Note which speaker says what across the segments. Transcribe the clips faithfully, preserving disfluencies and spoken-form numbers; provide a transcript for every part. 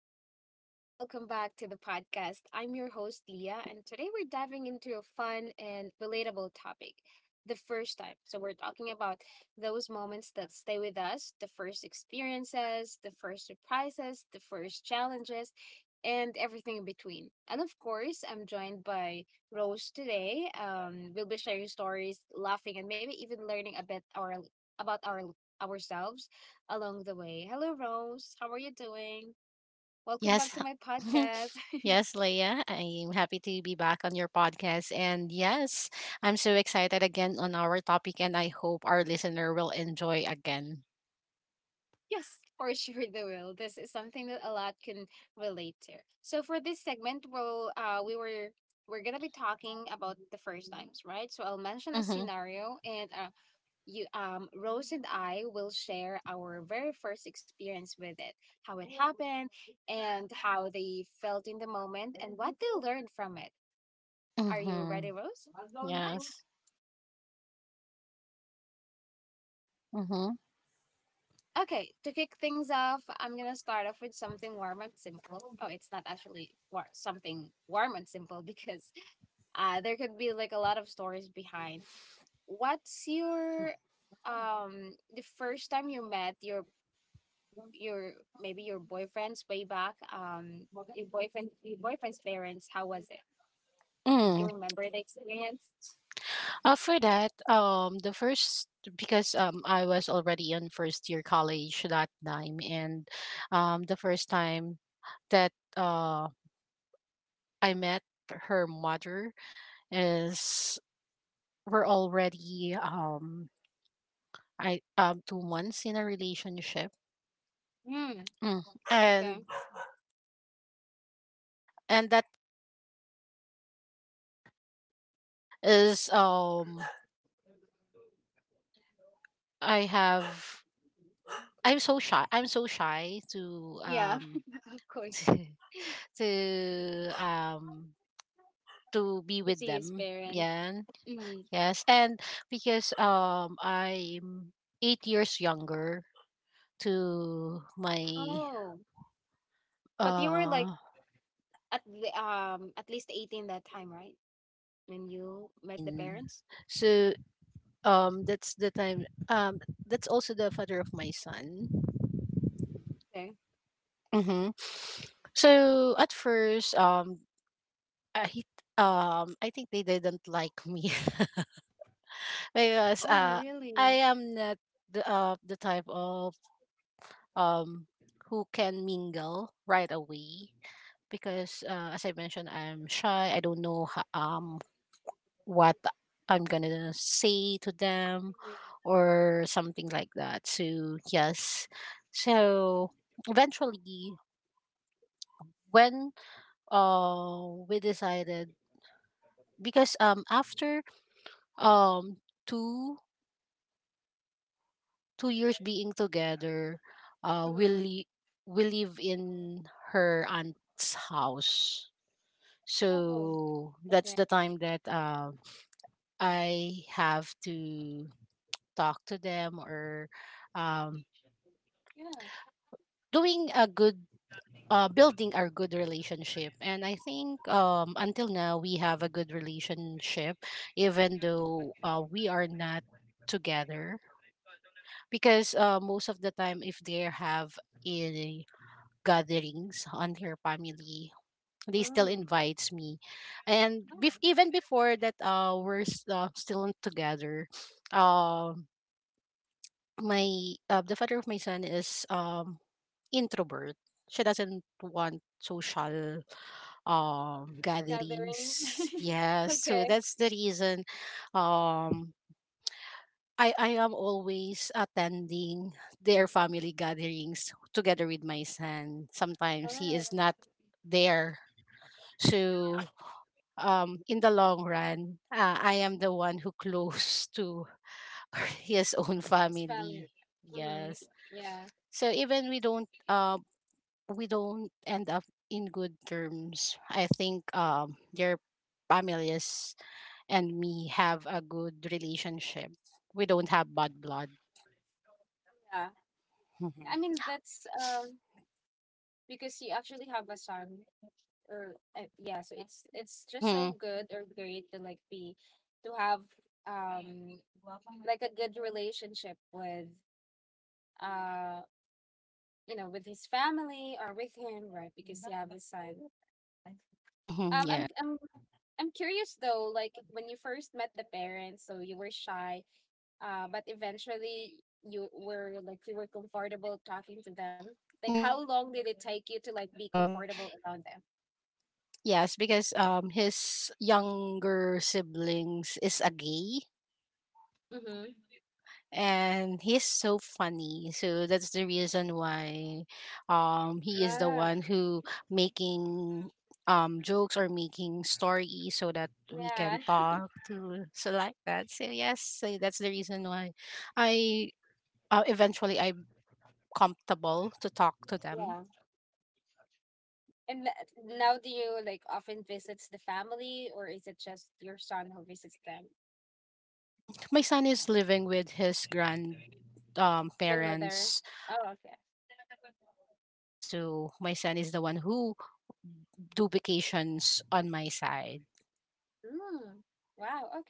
Speaker 1: everyone, and welcome back to the podcast. I'm your host, Leah, and today we're diving into a fun and relatable topic, the first time. So, we're talking about those moments that stay with us, the first experiences, the first surprises, the first challenges, and everything in between. And of course, I'm joined by Rose today. Um, we'll be sharing stories, laughing, and maybe even learning a bit our, about our ourselves along the way. Hello, Rose. How are you doing? Welcome back
Speaker 2: Yes.
Speaker 1: to my podcast.
Speaker 2: yes, Leia. I'm happy to be back on your podcast. And yes, I'm so excited again on our topic, and I hope our listener will enjoy again.
Speaker 1: Yes, for sure they will. This is something that a lot can relate to. So for this segment, we'll uh we were we're gonna be talking about the first times, right? So I'll mention a
Speaker 2: Mm-hmm.
Speaker 1: scenario, and uh you um Rose and I will share our very first experience with it, how it happened, and how they felt in the moment, and what they learned from it. Are you
Speaker 2: Mm-hmm.
Speaker 1: ready, Rose?
Speaker 2: Yes. Mm-hmm.
Speaker 1: Okay, to kick things off, I'm gonna start off with something warm and simple. Oh, it's not actually war- something warm and simple because uh, there could be like a lot of stories behind. What's your um The first time you met your your maybe your boyfriend's way back um your boyfriend your boyfriend's parents? How was it? Did you
Speaker 2: Mm.
Speaker 1: remember the experience?
Speaker 2: Uh, for that, um, the first because um I was already in first year college that time, and um the first time that uh I met her mother is we're already um I um two months in a relationship,
Speaker 1: Hmm.
Speaker 2: mm. and
Speaker 1: Okay.
Speaker 2: and that is um I have I'm so shy I'm so shy to
Speaker 1: Yeah.
Speaker 2: um
Speaker 1: Of course.
Speaker 2: to um to be
Speaker 1: To
Speaker 2: with
Speaker 1: see his
Speaker 2: them.
Speaker 1: parents.
Speaker 2: Yeah,
Speaker 1: Mm.
Speaker 2: yes, and because um I'm eight years younger to my
Speaker 1: Oh, but you were like,
Speaker 2: uh
Speaker 1: at the um at least eighteen that time, right?
Speaker 2: no,
Speaker 1: When
Speaker 2: I'm
Speaker 1: you met the
Speaker 2: seventeen,
Speaker 1: parents?
Speaker 2: so um that's the time, um that's also the father of my son.
Speaker 1: Okay.
Speaker 2: Mm-hmm. So at first, um, I um, I think they didn't like me. because
Speaker 1: Oh,
Speaker 2: uh, I
Speaker 1: really?
Speaker 2: am not the uh, the type of um who can mingle right away because, uh, as I mentioned, I'm shy. I don't know ho- um what I'm gonna say to them or something like that. So yes, so eventually, when uh we decided, because um after um two two years being together, uh we li- we live in her aunt's house, so that's the time that um I have to talk to them, or um doing a good, uh building our good relationship. And I think um until now we have a good relationship, even though uh, we are not together, because, uh, most of the time if they have a gatherings on their family, they still
Speaker 1: Mm.
Speaker 2: invites me. And bef- even before that, uh we're s- uh, still not together, um my uh, the father of my son is um introvert. She doesn't want social um
Speaker 1: Gatherings.
Speaker 2: gatherings, yes, so
Speaker 1: Okay.
Speaker 2: that's the reason. Um I, I am always attending their family gatherings together with my son. Sometimes he
Speaker 1: Ah,
Speaker 2: is not there.
Speaker 1: yeah.
Speaker 2: So, um, in the long run, uh, I am the one who close to his own
Speaker 1: It's family.
Speaker 2: family.
Speaker 1: Hmm.
Speaker 2: Yes.
Speaker 1: Yeah.
Speaker 2: So even we don't, uh, we don't end up in good terms. I think, um, their families and me have a good relationship. We don't have bad blood.
Speaker 1: Yeah. I mean, that's um because you actually have a son or uh, yeah, so it's it's just
Speaker 2: Mm-hmm.
Speaker 1: so good or great to like be to have um like a good relationship with uh you know, with his family or with him right beside.
Speaker 2: Mm-hmm.
Speaker 1: Um, I'm
Speaker 2: Yeah.
Speaker 1: I'm I'm curious though, like when you first met the parents, so you were shy, uh, but eventually you were like you were comfortable talking to them. Like how
Speaker 2: Mm-hmm,
Speaker 1: long did it
Speaker 2: yes,
Speaker 1: take you to
Speaker 2: because
Speaker 1: like be
Speaker 2: um,
Speaker 1: comfortable around them?
Speaker 2: yes, because um, his younger siblings is a gay,
Speaker 1: Mm-hmm.
Speaker 2: and he's so funny. So that's the reason why, um, he is the
Speaker 1: Ah,
Speaker 2: one who making um jokes or making stories so that we
Speaker 1: yeah,
Speaker 2: can talk to so like that. So yes, so that's the reason why I uh, eventually I'm comfortable to talk to them.
Speaker 1: yeah. And th- now, do you like often visits the family, or is it just your son who visits them?
Speaker 2: Mm. My son is living with his grandparents, um,
Speaker 1: Grandmother.
Speaker 2: parents,
Speaker 1: Oh,
Speaker 2: uh,
Speaker 1: okay.
Speaker 2: on his father's side. So my son is the one who do vacations on my side.
Speaker 1: Mm. Wow. All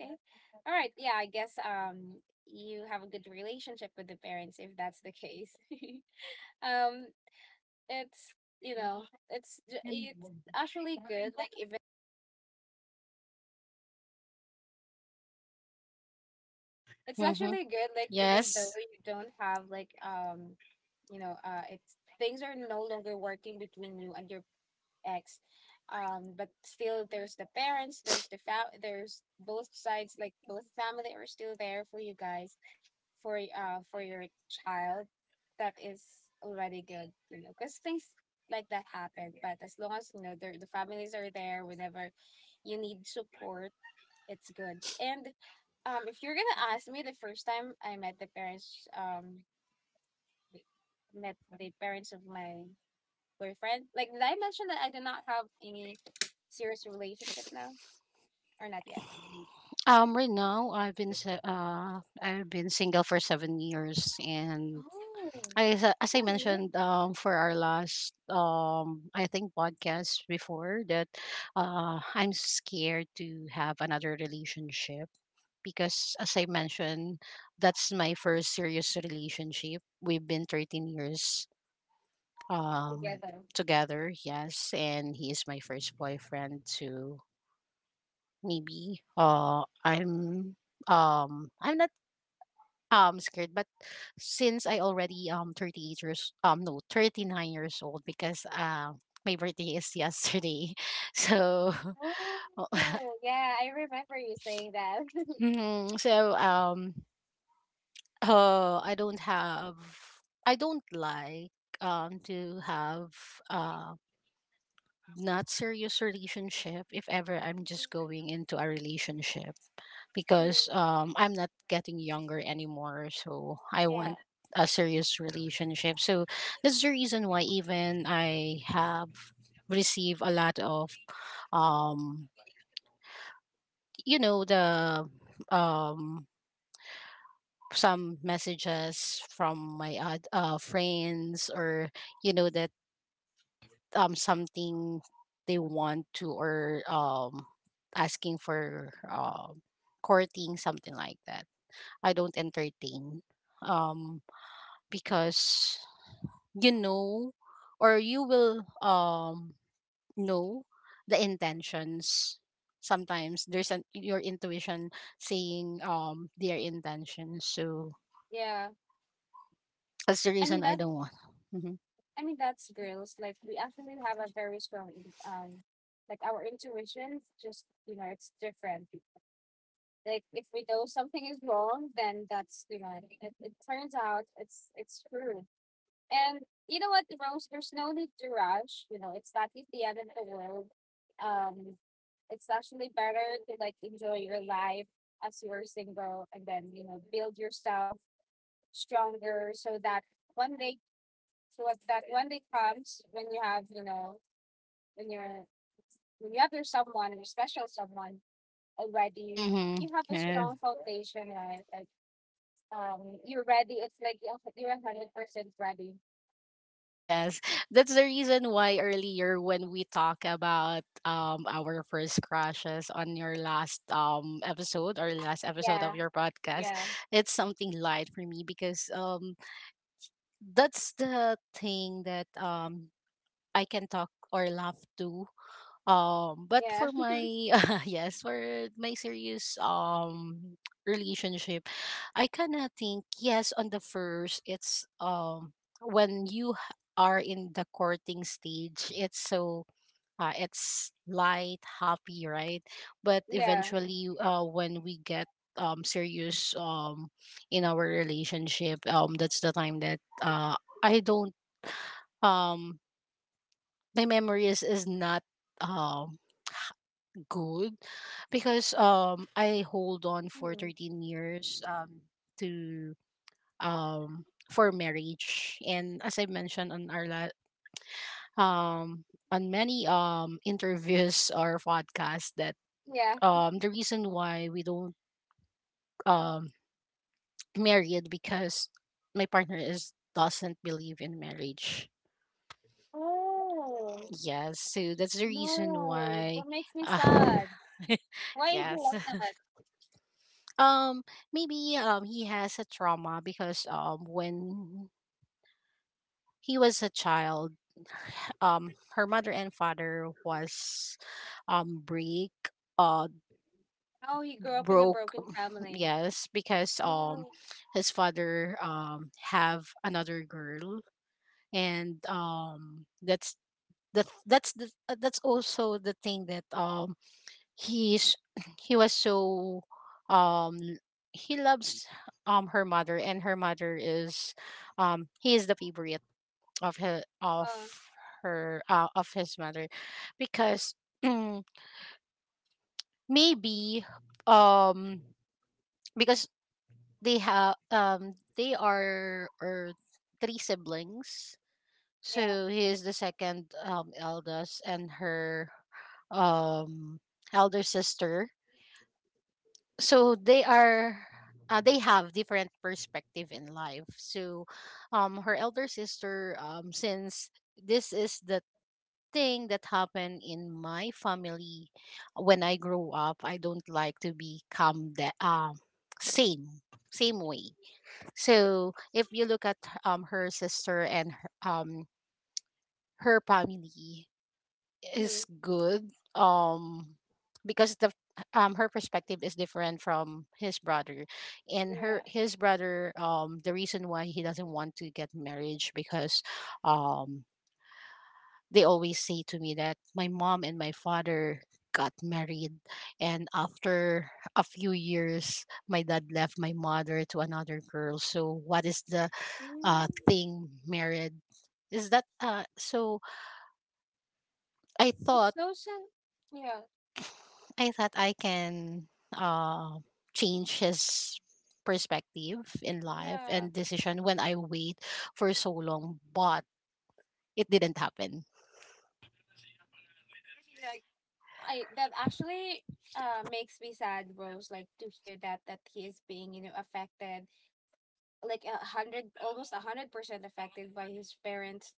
Speaker 1: right. Yeah, I guess um you have a good relationship with the parents if that's the case. um it's you know, it's ju- Actually, like, even it's
Speaker 2: Mm-hmm.
Speaker 1: actually good, like even though
Speaker 2: Yes.
Speaker 1: you don't have like um you know, uh it's things are no longer working between you and your ex. Um but still there's the parents, there's the fa- there's both sides, like both family are still there for you guys, for y- uh for your child. That is already good, you know, because things like that happen, but as long as you know the the families are there whenever you need support, it's good. And um if you're gonna ask me the first time I met the parents, um the- met the parents of my boyfriend, like, did I mention that I do not have any serious relationship now, or not yet?
Speaker 2: Um, right now I've been se- uh I've been single for seven years, and
Speaker 1: Oh,
Speaker 2: I as I as I
Speaker 1: really.
Speaker 2: mentioned, um for our last, um I think, podcast before that, uh I'm scared to have another relationship, because as I mentioned, that's my first serious relationship. We've been thirteen years um
Speaker 1: Together.
Speaker 2: together, yes, and he is my first boyfriend too. Maybe uh I'm um I'm not um scared, but since I already um thirty-eight years um no thirty-nine years old because uh my birthday is yesterday. So
Speaker 1: Oh, yeah, I remember you saying that.
Speaker 2: Mhm. so um Oh, I don't have. I don't like um to have uh not serious relationship. If ever I'm just going into a relationship,
Speaker 1: Mm,
Speaker 2: because um I'm not getting younger anymore, so I
Speaker 1: yeah,
Speaker 2: want a serious relationship. So that's the reason why, even I have received a lot of um you know, the um some messages from my oth- uh, friends, or you know that, um something they want to, or um asking for um courting, something like that. I don't entertain, um because, you know, or you will um know the intentions. Sometimes there's an your intuition saying um their intentions, so
Speaker 1: yeah.
Speaker 2: that's the
Speaker 1: I mean
Speaker 2: reason I
Speaker 1: that.
Speaker 2: don't want. Mhm.
Speaker 1: I mean that's girls. Like we actually have a very strong in- um, like our intuitions. Just, you know, it's different. Like if we know something is wrong, then that's, you know, it, it turns out it's it's true. And you know what, Rose, there's no need to rush. You know, it's not the end of the world. Um, it's actually better to like enjoy your life as you're single, and then, you know, build yourself stronger so that one day so that one day comes when you have, you know, when you're when you have your someone, your special someone already,
Speaker 2: Mm-hmm.
Speaker 1: you have a
Speaker 2: Yeah.
Speaker 1: strong foundation, right? Like, um, you're ready. It's like you're you're a hundred percent ready.
Speaker 2: Yes. That's the reason why earlier when we talk about, um our first crushes on your last, um episode, or last episode of
Speaker 1: Yeah,
Speaker 2: your podcast,
Speaker 1: yeah,
Speaker 2: it's something light for me because, um that's the thing that, um I can talk or laugh to. Um, but
Speaker 1: yeah.
Speaker 2: for my yes, for my serious, um relationship, I kind of think yes on the first, it's um when you h- are in the courting stage, it's so, uh, it's light, happy, right? But
Speaker 1: Yeah.
Speaker 2: eventually, uh when we get um serious, um in our relationship, um that's the time that, uh I don't um my memory is is not, um good, because, um I hold on for
Speaker 1: Mhm.
Speaker 2: thirteen years, um to, um, for marriage. And as I mentioned on our la- um, on many, um, interviews or podcasts, that,
Speaker 1: Yeah.
Speaker 2: um, the reason why we don't, um, marry it, because my partner is doesn't believe in marriage.
Speaker 1: Oh,
Speaker 2: Yes, so that's the reason
Speaker 1: no.
Speaker 2: why.
Speaker 1: That makes me
Speaker 2: Uh,
Speaker 1: sad. Why is he
Speaker 2: yes.
Speaker 1: like that?
Speaker 2: Um, maybe, um he has a trauma because, um when he was a child, um her mother and father was, um break, uh
Speaker 1: How he grew up in a
Speaker 2: broke,
Speaker 1: broken family.
Speaker 2: yes, because, um
Speaker 1: Oh,
Speaker 2: his father, um have another girl, and, um that's that that's the uh, that's also the thing that, um he's he was so, um he loves, um her mother, and her mother is, um he is the favorite of her
Speaker 1: oh,
Speaker 2: of her uh, of his mother, because, mm, maybe, um because they have, um they are, or three siblings,
Speaker 1: yeah.
Speaker 2: so he is the second, um eldest, and her, um elder sister, so they are, uh, they have different perspective in life, so, um her elder sister, um since this is the thing that happened in my family, when I grow up. I don't like to become the, um same same way. So if you look at, um her sister and her, um her family
Speaker 1: Hmm.
Speaker 2: is good, um because the, um her perspective is different from his brother. And
Speaker 1: Yeah.
Speaker 2: her his brother, um the reason why he doesn't want to get marriage because, um they always say to me that my mom and my father got married, and after a few years my dad left my mother to another girl, so what is the, uh
Speaker 1: Mm.
Speaker 2: thing married is that, uh so i
Speaker 1: It's
Speaker 2: thought
Speaker 1: so sad. Yeah.
Speaker 2: i thought I can, uh change his perspective in life
Speaker 1: Yeah.
Speaker 2: and decision when I wait for so long, but it didn't happen.
Speaker 1: Like, I, that actually uh makes me sad, Rose, like to hear that, that he is being, you know, affected, like a hundred, almost a hundred percent affected by his parents'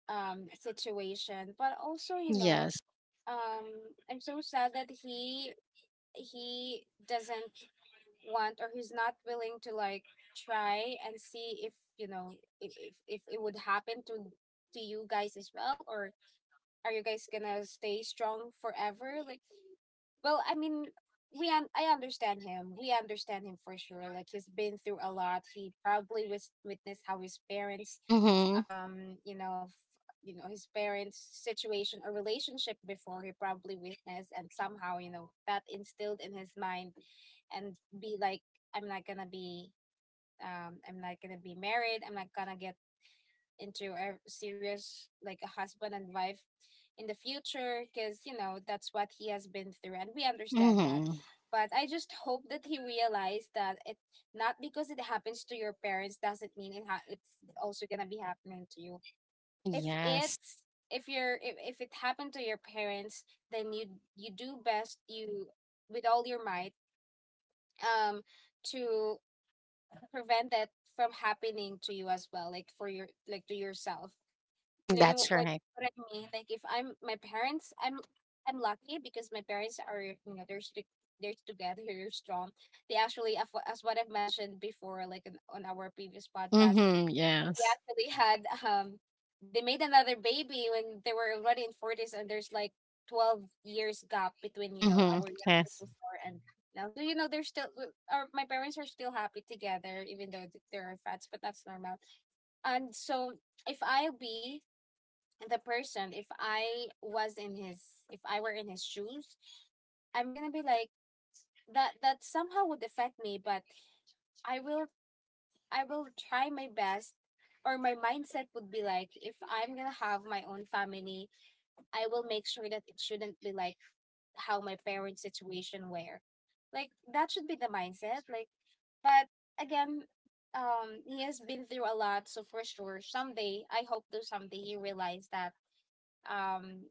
Speaker 1: um situation. But also, you know,
Speaker 2: Yes.
Speaker 1: um I'm so sad that he he doesn't want, or he's not willing to like try and see if you know if if, if it would happen to to you guys as well, or are you guys gonna stay strong forever? Like, well, I mean, we un- I understand him. We understand him for sure. Like he's been through a lot. He probably was witnessed how his parents,
Speaker 2: Mm-hmm.
Speaker 1: um, you know, f- you know, his parents' situation or relationship before, he probably witnessed, and somehow you know that instilled in his mind, and be like, I'm not gonna be. Um, I'm not gonna be married. I'm not gonna get into a serious like a husband and wife in the future, because you know that's what he has been through, and we understand that.
Speaker 2: Mm-hmm.
Speaker 1: But I just hope that he realized that it, not because it happens to your parents doesn't mean it ha- it's also going to be happening to you. If
Speaker 2: Yes.
Speaker 1: it's, if you're if, if it happened to your parents, then you you do best, you with all your might, um to prevent that from happening to you as well, like for your, like to yourself,
Speaker 2: Mm,
Speaker 1: you know
Speaker 2: that's
Speaker 1: what
Speaker 2: right.
Speaker 1: what I mean? Like if I'm my parents, I'm I'm lucky because my parents are, you know, they're strict, they're together, they're strong. They actually, as what as what I've mentioned before, like in, on our previous podcast,
Speaker 2: Mm-hmm.
Speaker 1: they
Speaker 2: Yes.
Speaker 1: actually had um they made another baby when they were already in forties, and there's like twelve years gap between you know
Speaker 2: Mm-hmm.
Speaker 1: our younger,
Speaker 2: Yes.
Speaker 1: before and now. So, you know, they're still uh, our my parents are still happy together, even though th- there are fights, but that's normal. And so if I'll be the person, if I was in his if I were in his shoes, I'm gonna be like that that somehow would affect me, but i will I will try my best. Or my mindset would be like, if I'm gonna have my own family, I will make sure that it shouldn't be like how my parents situation were. Like, that should be the mindset. Like, but again, um he has been through a lot, so for sure someday, I hope to someday he realized that, um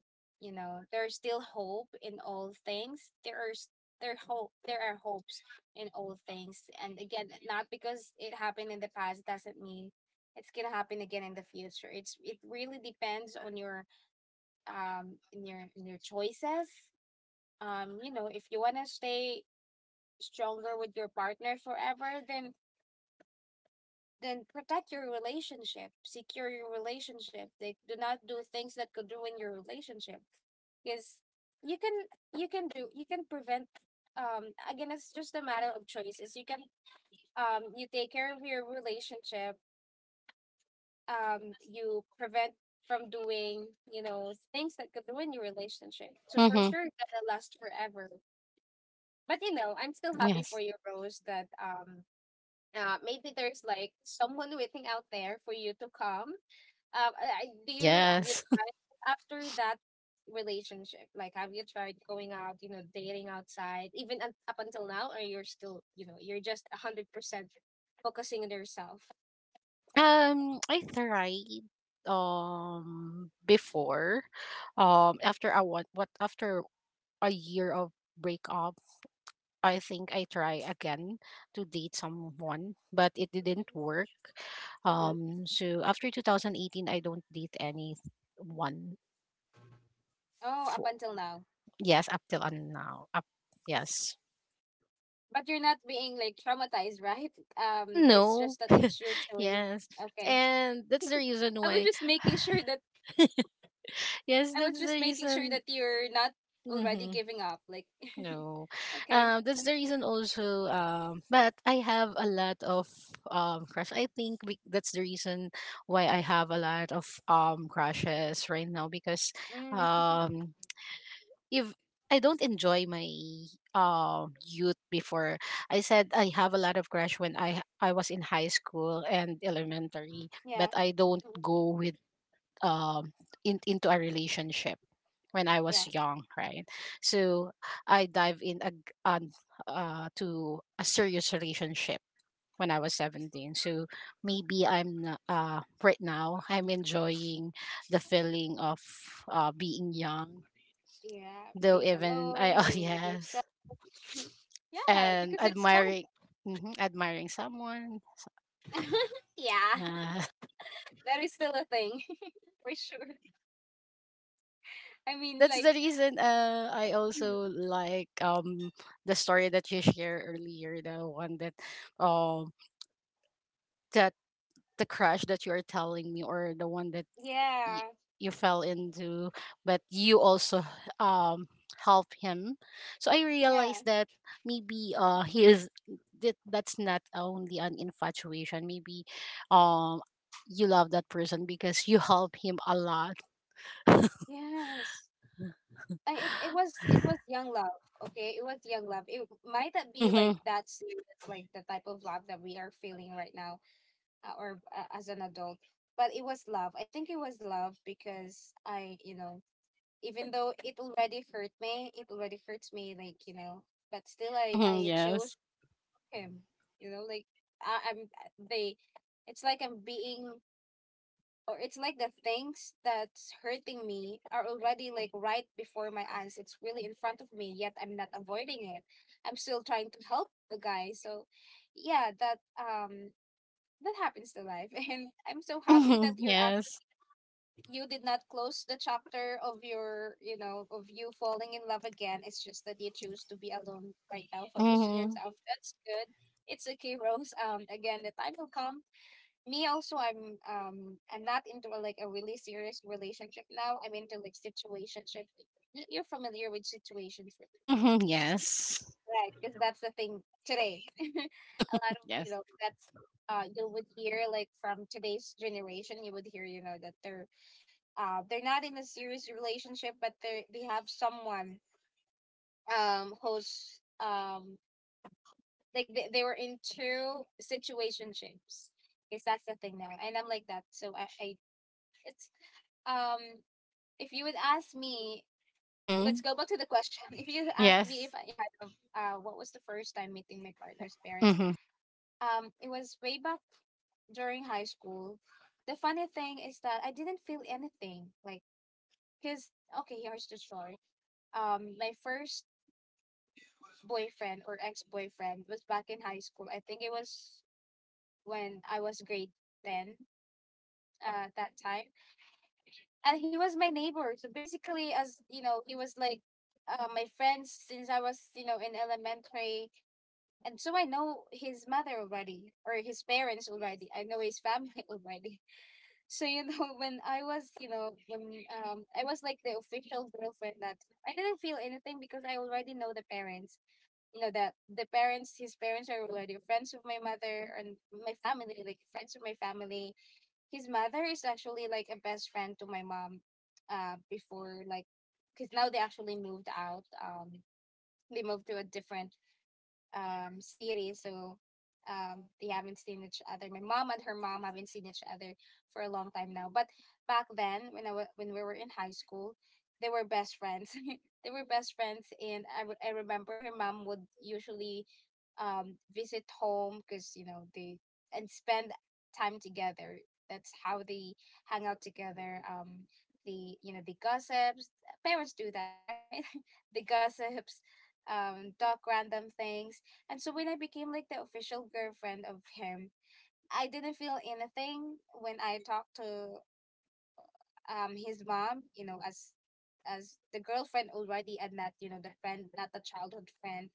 Speaker 1: you know, there's still hope in all things. There are s- there hope there are hopes in all things. And again, not because it happened in the past doesn't mean it's gonna happen again in the future. It's, it really depends on your, um in your in your choices. um you know, if you want to stay stronger with your partner forever, then then protect your relationship, secure your relationship. They do not do things that could ruin your relationship. Because you can you can do you can prevent, um again, it's just a matter of choices. You can, um you take care of your relationship, um you prevent from doing, you know, things that could ruin your relationship. So for
Speaker 2: Mm-hmm.
Speaker 1: sure that'll last forever. But you know, I'm still happy for
Speaker 2: Yes.
Speaker 1: you, Rose, that um uh, maybe there's like someone waiting out there for you to come. Um, I, I- do you have, you
Speaker 2: Yes.
Speaker 1: tried after that relationship? Like, have you tried going out, you know, dating outside, even un- up until now, or you're still, you know, you're just a hundred percent focusing on yourself?
Speaker 2: Um, I tried, um before, um after I want what after a year of breakup, I think I try again to date someone, but it didn't work.
Speaker 1: Mhm.
Speaker 2: Um, so after two thousand eighteen I don't date anyone
Speaker 1: Oh, up
Speaker 2: for,
Speaker 1: until now.
Speaker 2: yes, up till and now, up, yes,
Speaker 1: But you're not being like traumatized, right? Um, it's
Speaker 2: no.
Speaker 1: just that it's your choice.
Speaker 2: Yes.
Speaker 1: Okay.
Speaker 2: And that's the
Speaker 1: I was
Speaker 2: reason
Speaker 1: just
Speaker 2: why.
Speaker 1: making sure that I was
Speaker 2: Yes,
Speaker 1: just
Speaker 2: that's the
Speaker 1: making sure that
Speaker 2: reason.
Speaker 1: you're not already
Speaker 2: Hmm.
Speaker 1: giving up. Like,
Speaker 2: No.
Speaker 1: okay,
Speaker 2: Um, that's the reason also. Um, but I have a lot of, um crush. I think we, that's the reason why I have a lot of, um crushes right now, because,
Speaker 1: mm,
Speaker 2: um if I don't enjoy my, um youth before. I said I have a lot of crush when I I was in high school and elementary,
Speaker 1: yeah,
Speaker 2: but I don't
Speaker 1: mm,
Speaker 2: go with um in, into a relationship when I
Speaker 1: yeah,
Speaker 2: was young, right? So I dive in a, on, uh, to a serious relationship when I was seventeen. So maybe I'm n- uh, right now I'm enjoying the feeling of, uh, being young,
Speaker 1: yeah.
Speaker 2: though
Speaker 1: Being
Speaker 2: even I
Speaker 1: alone,
Speaker 2: oh
Speaker 1: being with yourself.
Speaker 2: yes,
Speaker 1: Yeah,
Speaker 2: and
Speaker 1: because it's fun.
Speaker 2: admiring, mhm, admiring someone.
Speaker 1: Yeah,
Speaker 2: Yeah.
Speaker 1: that is still a thing for sure. I
Speaker 2: Th-
Speaker 1: mean,
Speaker 2: that's
Speaker 1: like,
Speaker 2: the reason, uh, I also like, um the story that you shared earlier, the one that, um that the crush that you are telling me, or the one that,
Speaker 1: yeah,
Speaker 2: y- you fell into, but you also, um help him. So I
Speaker 1: yeah,
Speaker 2: realized that maybe, uh he is, that that's not only an infatuation. Maybe, um you love that person because you help him a lot.
Speaker 1: yes. I, it, it was, it was young love. Okay, it was young love. It might not be like
Speaker 2: Mm-hmm.
Speaker 1: that serious, like the type of love that we are feeling right now, uh, or uh, as an adult. But it was love. I think it was love, because I, you know, even though it already hurt me, it already hurts me, like, you know, but still I,
Speaker 2: Mm-hmm.
Speaker 1: I
Speaker 2: Yes.
Speaker 1: chose him, you know, like I, I'm, they, it's like I'm being, or it's like the things that's hurting me are already like right before my eyes. It's really in front of me, yet I'm not avoiding it. I'm still trying to help the guy. So yeah, that um that happens to life and I'm so happy
Speaker 2: Mm-hmm.
Speaker 1: that you're actually
Speaker 2: Yes.
Speaker 1: you did not close the chapter of your you know of you falling in love again. It's just that you choose to be alone right now, focus on
Speaker 2: Mhm.
Speaker 1: yourself. That's good. It's okay, Rose. Um again, the time will come. Me also, i'm um i'm not into like a really serious relationship now. I'm into like situationship. Y- you're familiar with situationship?
Speaker 2: Mhm. Yes.
Speaker 1: That's the thing today. A lot of you
Speaker 2: Yes.
Speaker 1: know that's uh you would hear like from today's generation. You would hear you know that they're uh they're not in a serious relationship, but they they have someone um who's um like they, they were in two situationships. Yes, that's the thing now, and I'm like that. So I, I it's um if you would ask me. Let's
Speaker 2: Mhm.
Speaker 1: go back to the question. If you asked me
Speaker 2: Yes.
Speaker 1: if I had a uh, what was the first time meeting my partner's parents?
Speaker 2: Mhm.
Speaker 1: Um, it was way back during high school. The funny thing is that I didn't feel anything. Like, cause okay, here's the story. Um, my first boyfriend or ex boyfriend was back in high school. I think it was when I was grade ten uh, at that time, and he was my neighbor. So basically, as you know, he was like. Uh, my friends since I was, you know, in elementary, and so I know his mother already or his parents already. I know his family already. So you know, when I was, you know, when um I was like the official girlfriend that time, I didn't feel anything because I already know the parents. You know that the parents, his parents are already friends with my mother and my family, like friends with my family. His mother is actually like a best friend to my mom, uh, before like, because now they actually moved out. Um, they moved to a different um, series. So um, they haven't seen each other. My mom and her mom haven't seen each other for a long time now. But back then, when I wa- when we were in high school, they were best friends. They were best friends, and I, re- I remember her mom would usually um, visit home because you know they and spend time together. That's how they hang out together. Um, the you know the gossips. Parents do that, right? The gossips, um, talk random things, and so when I became like the official girlfriend of him, I didn't feel anything when I talked to um his mom, you know, as as the girlfriend already and not, you know, the friend, not the childhood friend,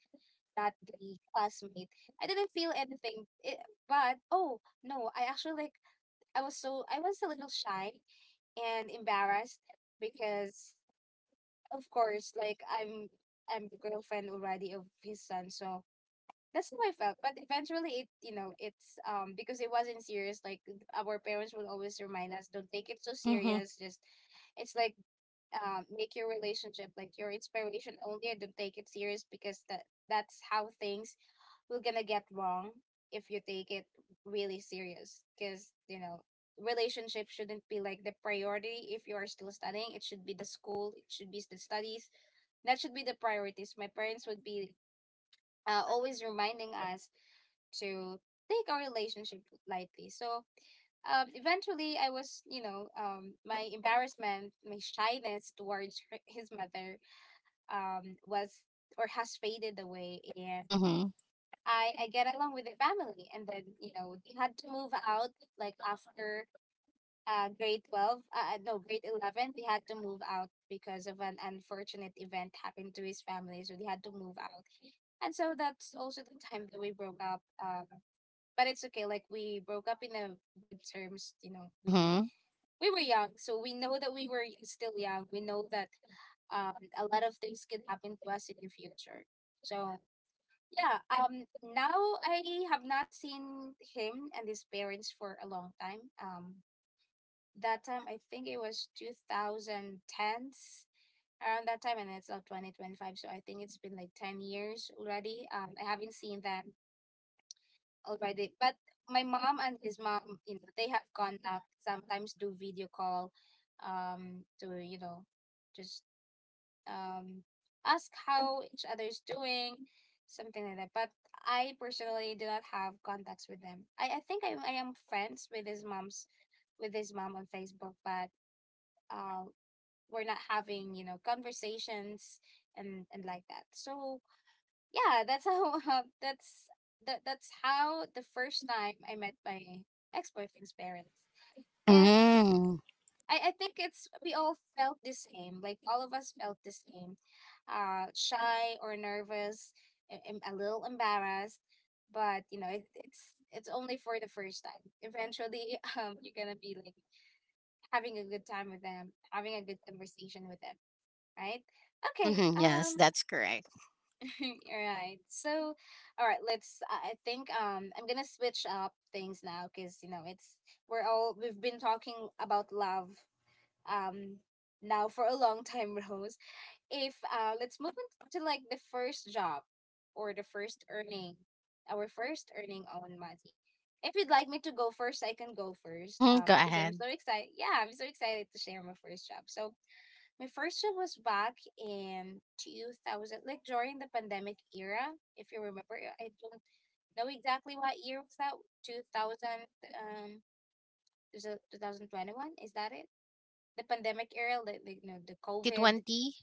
Speaker 1: not the classmate. I didn't feel anything. It, but oh no, I actually like I was so I was a little shy and embarrassed because of course like I'm I'm the girlfriend already of his son, so that's how I felt. But eventually, it you know, it's um because it wasn't serious. Like our parents would always remind us, don't take it so
Speaker 2: Mhm.
Speaker 1: serious. Just it's like um make your relationship like your inspiration only, and don't take it serious because that that's how things will gonna get wrong if you take it really serious. Because you know, relationship shouldn't be like the priority if you are still studying. It should be the school. It should be the studies. That should be the priorities. My parents would be uh, always reminding us to take our relationship lightly. So um, eventually, I was, you know, um, my embarrassment, my shyness towards her, his mother um, was or has faded away, and
Speaker 2: Mhm.
Speaker 1: I, I get along with the family. And then you know they had to move out like after uh, grade twelve uh, no grade eleven, they had to move out because of an unfortunate event happened to his family, so they had to move out, and so that's also the time that we broke up. Um, but it's okay, like we broke up in a good terms. You know, we
Speaker 2: Mhm.
Speaker 1: we were young, so we know that we were still young. We know that um a lot of things can happen to us in the future. So yeah. Um now I have not seen him and his parents for a long time. Um that time I think it was twenty tens, around that time, and it's now twenty twenty-five, so I think it's been like ten years already. um I haven't seen them already. But my mom and his mom, you know, they have contact. Sometimes do video call, um, to you know, just um, ask how each other's doing, something like that. But I personally do not have contacts with them. I, I think I I am friends with his mom's, with his mom on Facebook, but uh, we're not having you know conversations and and like that. So yeah, that's how uh, that's that that's how the first time I met my ex-boyfriend's parents. It's
Speaker 2: Mm.
Speaker 1: I, I think it's we all felt the same. Like all of us felt the same. Uh shy or nervous, a, a a little embarrassed, but you know, it, it's it's only for the first time. Eventually, um you're going to be like having a good time with them, having a good conversation with them, right? Okay.
Speaker 2: Mhm. Yes,
Speaker 1: Um
Speaker 2: that's correct.
Speaker 1: right. So, all right. Let's. I I think um, I'm gonna switch up things now because you know it's we're all we've been talking about love um now for a long time, Rose. If uh, let's move into like the first job or the first earning, our first earning own money. If you'd like me to go first, I can go first.
Speaker 2: Mhm.
Speaker 1: Um,
Speaker 2: Go
Speaker 1: because I'm
Speaker 2: ahead.
Speaker 1: so excited. Yeah, I'm so excited to share my first job. So, my first one was back in two thousand, like during the pandemic era, if you remember. I don't know exactly what year was that. two thousand, um, is it twenty twenty-one? Is that it? The pandemic era, like, like you know, the COVID
Speaker 2: twenty twenty.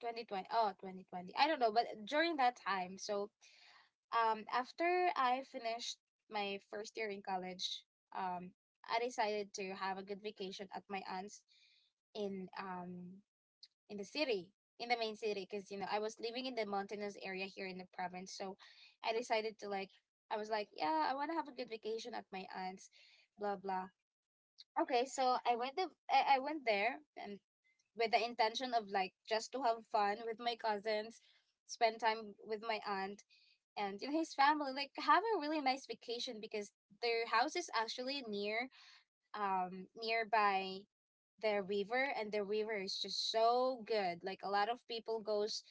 Speaker 1: twenty twenty. Oh, twenty twenty. I don't know, but during that time. So, um, after I finished my first year in college, um, I decided to have a good vacation at my aunt's in um in the city, in the main city, because you know I was living in the mountainous area here in the province. So I decided to like, I was like, yeah, I want to have a good vacation at my aunt's, blah blah. Okay, so I went the I, I went there and with the intention of like just to have fun with my cousins, spend time with my aunt and you know his family, like have a really nice vacation because their house is actually near um nearby the river, and the river is just so good. Like a lot of people goes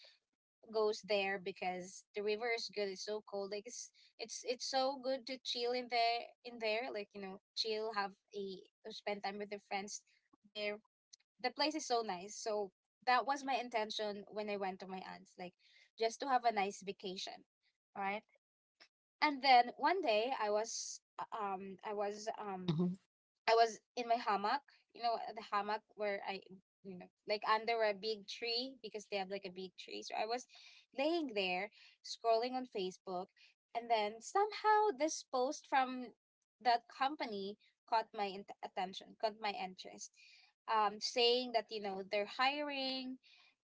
Speaker 1: goes there because the river is good, it's so cold. Like it's it's it's so good to chill in there in there like you know chill, have a spend time with your friends there. The place is so nice. So that was my intention when I went to my aunt's, like just to have a nice vacation, right? And then one day I was uh, um i was um
Speaker 2: Mhm.
Speaker 1: I was in my hammock, you know, the hammock where I, you know, like under a big tree because they have like a big tree. So I was laying there scrolling on Facebook, and then somehow this post from that company caught my int- attention, caught my interest. Um, saying that you know they're hiring,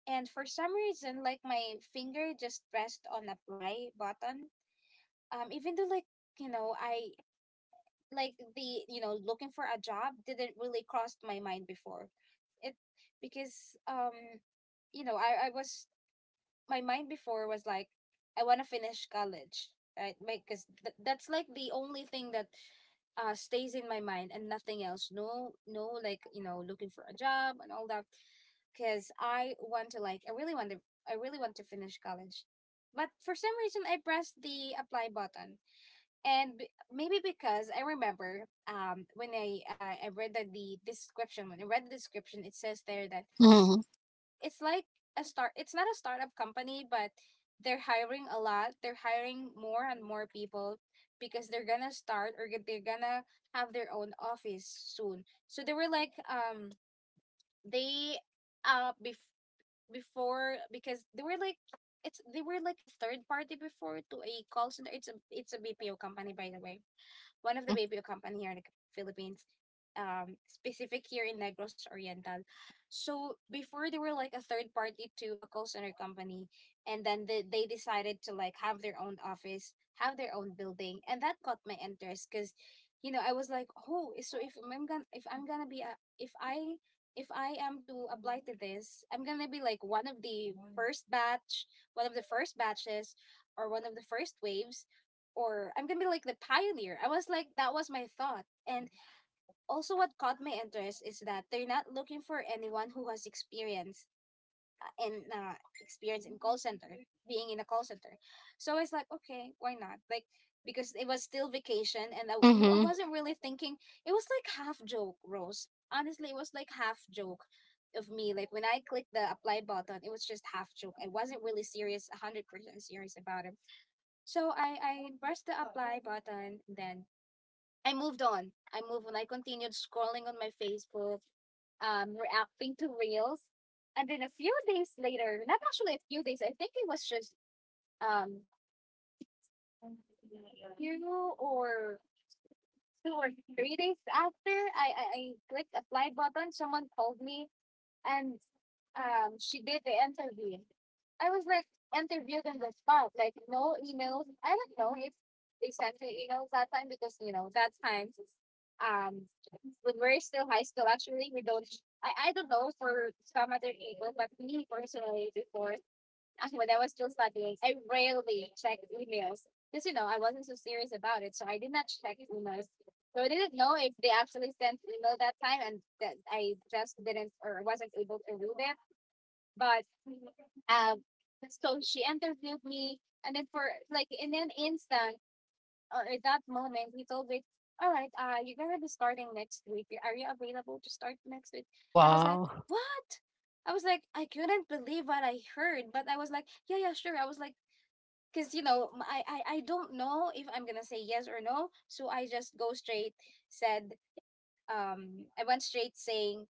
Speaker 1: and for some reason, like my finger just pressed on apply button. Um, even though like you know I like the you know looking for a job didn't really cross my mind before it, because um you know I I was my mind before was like I want to finish college, right? Because th- that's like the only thing that uh stays in my mind, and nothing else. No, no, like you know looking for a job and all that, because I want to like i really want to I really want to finish college. But for some reason I pressed the apply button, and b- maybe because I remember um when I uh, I read that the description when I read the description, it says there that
Speaker 2: Mhm.
Speaker 1: it's like a start it's not a startup company, but they're hiring a lot. They're hiring more and more people because they're gonna start or get- they're gonna have their own office soon. So they were like um they uh bef- before because they were like it's they were like a third party before to a call center. It's a it's a B P O company, by the way, one of the
Speaker 2: Mhm.
Speaker 1: baby company here in the Philippines, um, specific here in Negros Oriental. So before they were like a third party to a call center company, and then they, they decided to like have their own office, have their own building. And that caught my interest because, you know, I was like, oh, so if I'm gonna if I'm gonna be a if I if I am to apply to this, I'm gonna be like one of the first batch, one of the first batches, or one of the first waves, or I'm gonna be like the pioneer. I was like, that was my thought. And also, what caught my interest is that they're not looking for anyone who has experience uh, in uh, call center, being in a call center. So it's like, okay, why not? Like, because it was still vacation and I, w- no, I
Speaker 2: Mhm.
Speaker 1: wasn't really thinking. It was like half joke, Rose. Honestly, it was like half joke of me. Like, when I clicked the apply button, it was just half joke. I wasn't really serious, one hundred percent serious about it. So I, I pressed the apply button. And Then I moved on. I moved on. I continued scrolling on my Facebook, um, reacting to reels. And then a few days later, not actually a few days, I think it was just um few or two or three days after I, I, I clicked apply button, someone called me and um, she did the interview. I was like interviewed on the spot, like no emails. I don't know if they sent me emails that time because you know that time, um, when we're still high school, actually we don't. I, I don't know for some other people, but me personally before when I was still studying, I rarely checked emails because you know I wasn't so serious about it, so I did not check emails. So I didn't know if they actually sent email that time, and that I just didn't or wasn't able to do that. But um, so she interviewed me, and then for like in an instant, uh, at that moment, he told me, all right, uh, you're gonna be starting next week. Are you available to start next week? And I was like,
Speaker 2: Wow.
Speaker 1: what? I was like, I couldn't believe what I heard, but I was like, yeah, yeah, sure. I was like, because you know, m- I, I, I don't know if I'm gonna say yes or no, so I just go straight. Said, um, I went straight saying,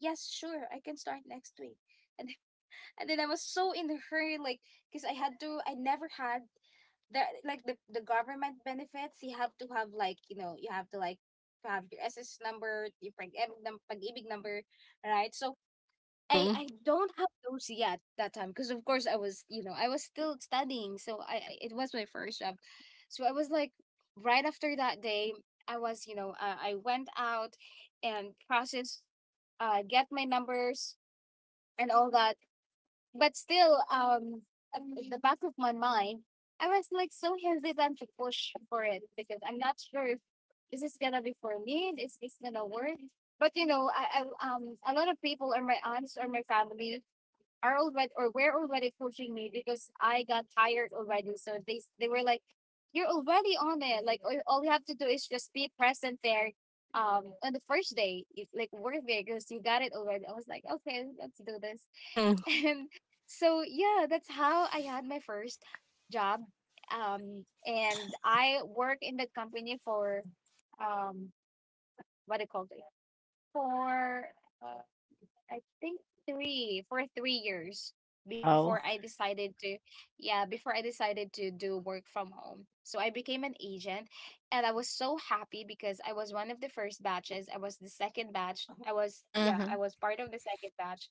Speaker 1: yes, sure, I can start next week, and and then I was so in a hurry, like, because I had to, I never had the like the the government benefits. You have to have like, you know, you have to like have your S S number, your pag-ibig num- pag-ibig number, right? So I
Speaker 2: Mhm.
Speaker 1: I don't have those yet that time because of course I was, you know, I was still studying, so I I- it was my first job, so I was like right after that day. I was, you know, uh, I went out and processed, uh, get my numbers and all that, but still, um, at the back of my mind, I was like so hesitant to push for it because I'm not sure if this is gonna be for me. Is this gonna work? But you know, I, I um, a lot of people or my aunts or my family are already or were already pushing me because I got tired already. So they they were like, "You're already on it. Like all all you have to do is just be present there. Um, on the first day, if like work there because you got it already." I was like, "Okay, let's do this."
Speaker 2: Mhm.
Speaker 1: And so yeah, that's how I had my first job. Um and I worked in that company for um what do you call it, for uh, I think three for three years before
Speaker 2: Wow.
Speaker 1: I decided to, yeah, before I decided to do work from home. So I became an agent, and I was so happy because I was one of the first batches. I was the second batch. I was, yeah, I
Speaker 2: Mhm.
Speaker 1: was part of the second batch.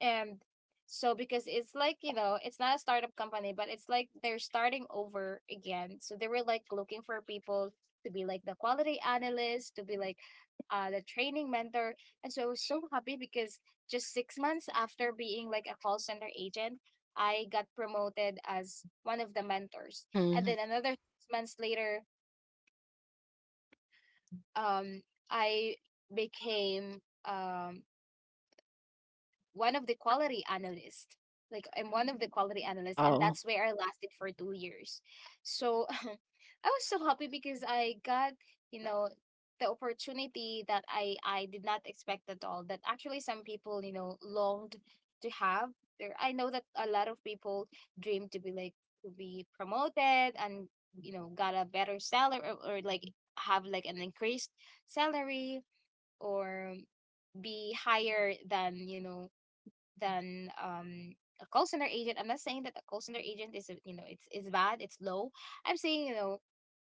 Speaker 1: And so because it's like, you know, it's not a startup company, but it's like they're starting over again, so they were like looking for people to be like the quality analyst, to be like uh, the training mentor. And so I was so happy because just six months after being like a call center agent, I got promoted as one of the mentors. And
Speaker 2: Mhm.
Speaker 1: then another six months later, um, I became um, one of the quality analysts. Like I'm one of the quality analysts, and
Speaker 2: Wow.
Speaker 1: that's where I lasted for two years. So I was so happy because I got, you know, the opportunity that I I did not expect at all. That actually some people, you know, longed to have. There, I know that a lot of people dream to be like to be promoted, and you know, got a better salary, or, or like have like an increased salary, or be higher than, you know, than um a call center agent. I'm not saying that a call center agent is uh, you know, it's it's bad, it's low. I'm saying, you know,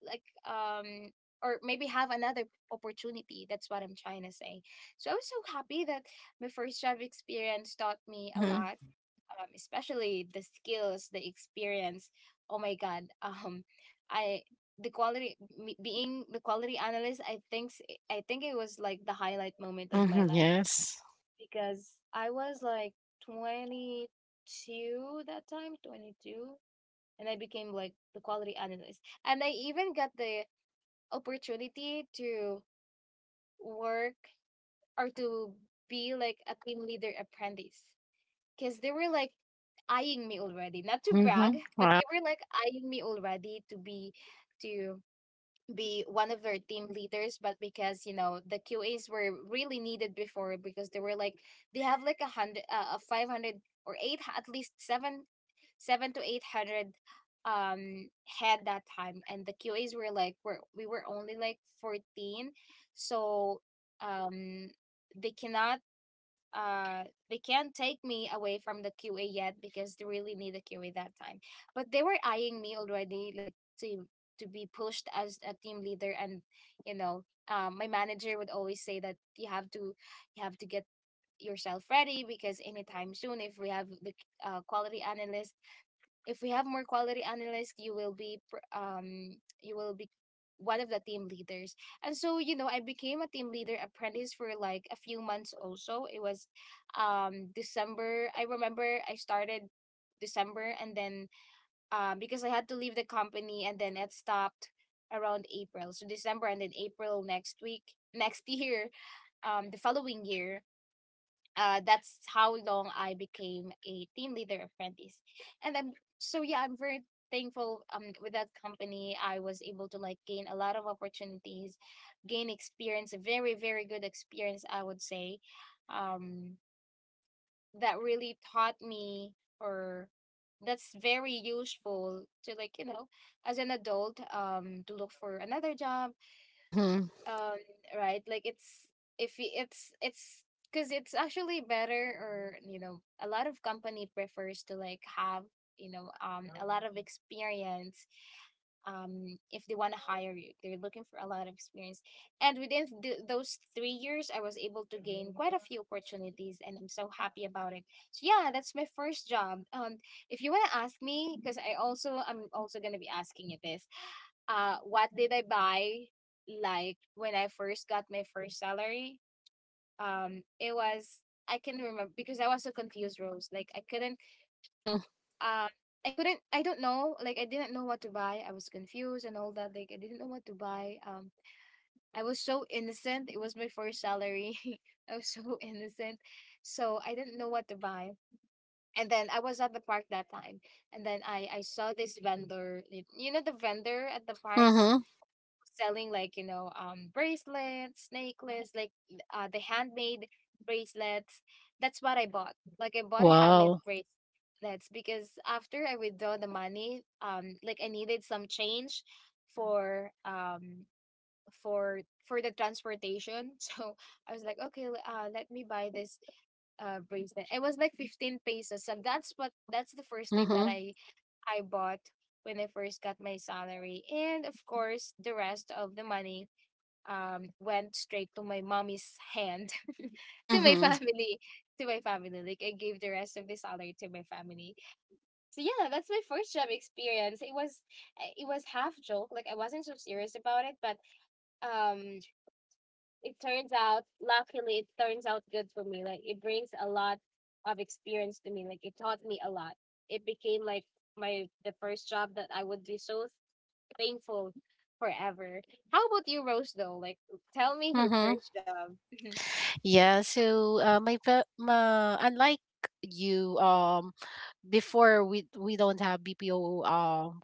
Speaker 1: like um or maybe have another opportunity. That's what I'm trying to say. So I was so happy that my first job experience taught me a
Speaker 2: Mhm.
Speaker 1: lot, um, especially the skills, the experience. Oh my god, um, I the quality me- being the quality analyst. I think s- I think it was like the highlight moment of my
Speaker 2: Mhm.
Speaker 1: life
Speaker 2: Yes.
Speaker 1: because I was like twenty-two that time, twenty-two, and I became like the quality analyst. And I even got the opportunity to work or to be like a team leader apprentice because they were like eyeing me already, not to brag,
Speaker 2: Mhm.
Speaker 1: but
Speaker 2: Wow.
Speaker 1: they were like eyeing me already to be to be one of their team leaders. But because, you know, the Q As were really needed before because they were like, they have like a hundred uh, a five hundred or eight at least seven seven to eight hundred um head that time, and the Q As were like, we we were only like fourteen. So um they cannot uh they can't take me away from the Q A yet because they really need a Q A that time. But they were eyeing me already, like to to be pushed as a team leader. And you know, um, my manager would always say that you have to you have to get yourself ready because anytime soon, if we have the uh, quality analyst, if we have more quality analysts, you will be pr- um you will be one of the team leaders. And so, you know, I became a team leader apprentice for like a few months also. It was um December. I remember I started December and then uh, because I had to leave the company, and then it stopped around April. So December and then April next week, next year, um the following year, uh, that's how long I became a team leader apprentice. And I'm so, yeah, I'm very thankful um with that company. I was able to like gain a lot of opportunities, gain experience, a very, very good experience, I would say. Um that really taught me or that's very useful to like, you know, as an adult, um, to look for another job,
Speaker 2: Mhm.
Speaker 1: um right. Like it's if y- it's it's because it's actually better, or you know, a lot of company prefers to like have, you know, um of experience. Um if they want to hire you, they're looking for a lot of experience. And within th- those three years, I was able to gain quite a few opportunities, and I'm so happy about it. So yeah, that's my first job. Um if you want to ask me, because i also I'm also going to be asking you this, uh what did I buy like when I first got my first salary? Um it was, I can remember because I was so confused, Rose. Like I couldn't
Speaker 2: Mhm.
Speaker 1: um I couldn't, I don't know, like I didn't know what to buy. I was confused and all that. Like I didn't know what to buy. Um I was so innocent. It was my first salary. I was so innocent. So I didn't know what to buy. And then I was at the park that time. And then I I saw this vendor. You know, the vendor at the parks
Speaker 2: Mhm.
Speaker 1: selling like, you know, um bracelets, necklace, like uh the handmade bracelets. That's what I bought. Like I bought a handmade
Speaker 2: Wow.
Speaker 1: bracelets because after I withdraw the money, um like I needed some change for um for for the transportation. So I was like, okay, l- uh let me buy this uh bracelet. It was like fifteen pesos. So that's what, that's the first thing that
Speaker 2: Mhm.
Speaker 1: i i bought when I first got my salary. And of course, the rest of the money um went straight to my mommy's hand to my
Speaker 2: Mhm.
Speaker 1: family, to my family like i gave the rest of the salary to my family. So yeah, that's my first job experience. It was uh, it was half joke, like i wasn't so serious about it, but um it turns out, luckily it turns out good for me. Like it brings a lot of experience to me, like it taught me a lot. It became like my the first job that i would be so thankful forever. How about you, Rose, though? Like tell me your
Speaker 2: Mhm.
Speaker 1: first job.
Speaker 2: Yeah, so, uh, my, pa- ma unlike you, um, before we we don't have B P O, um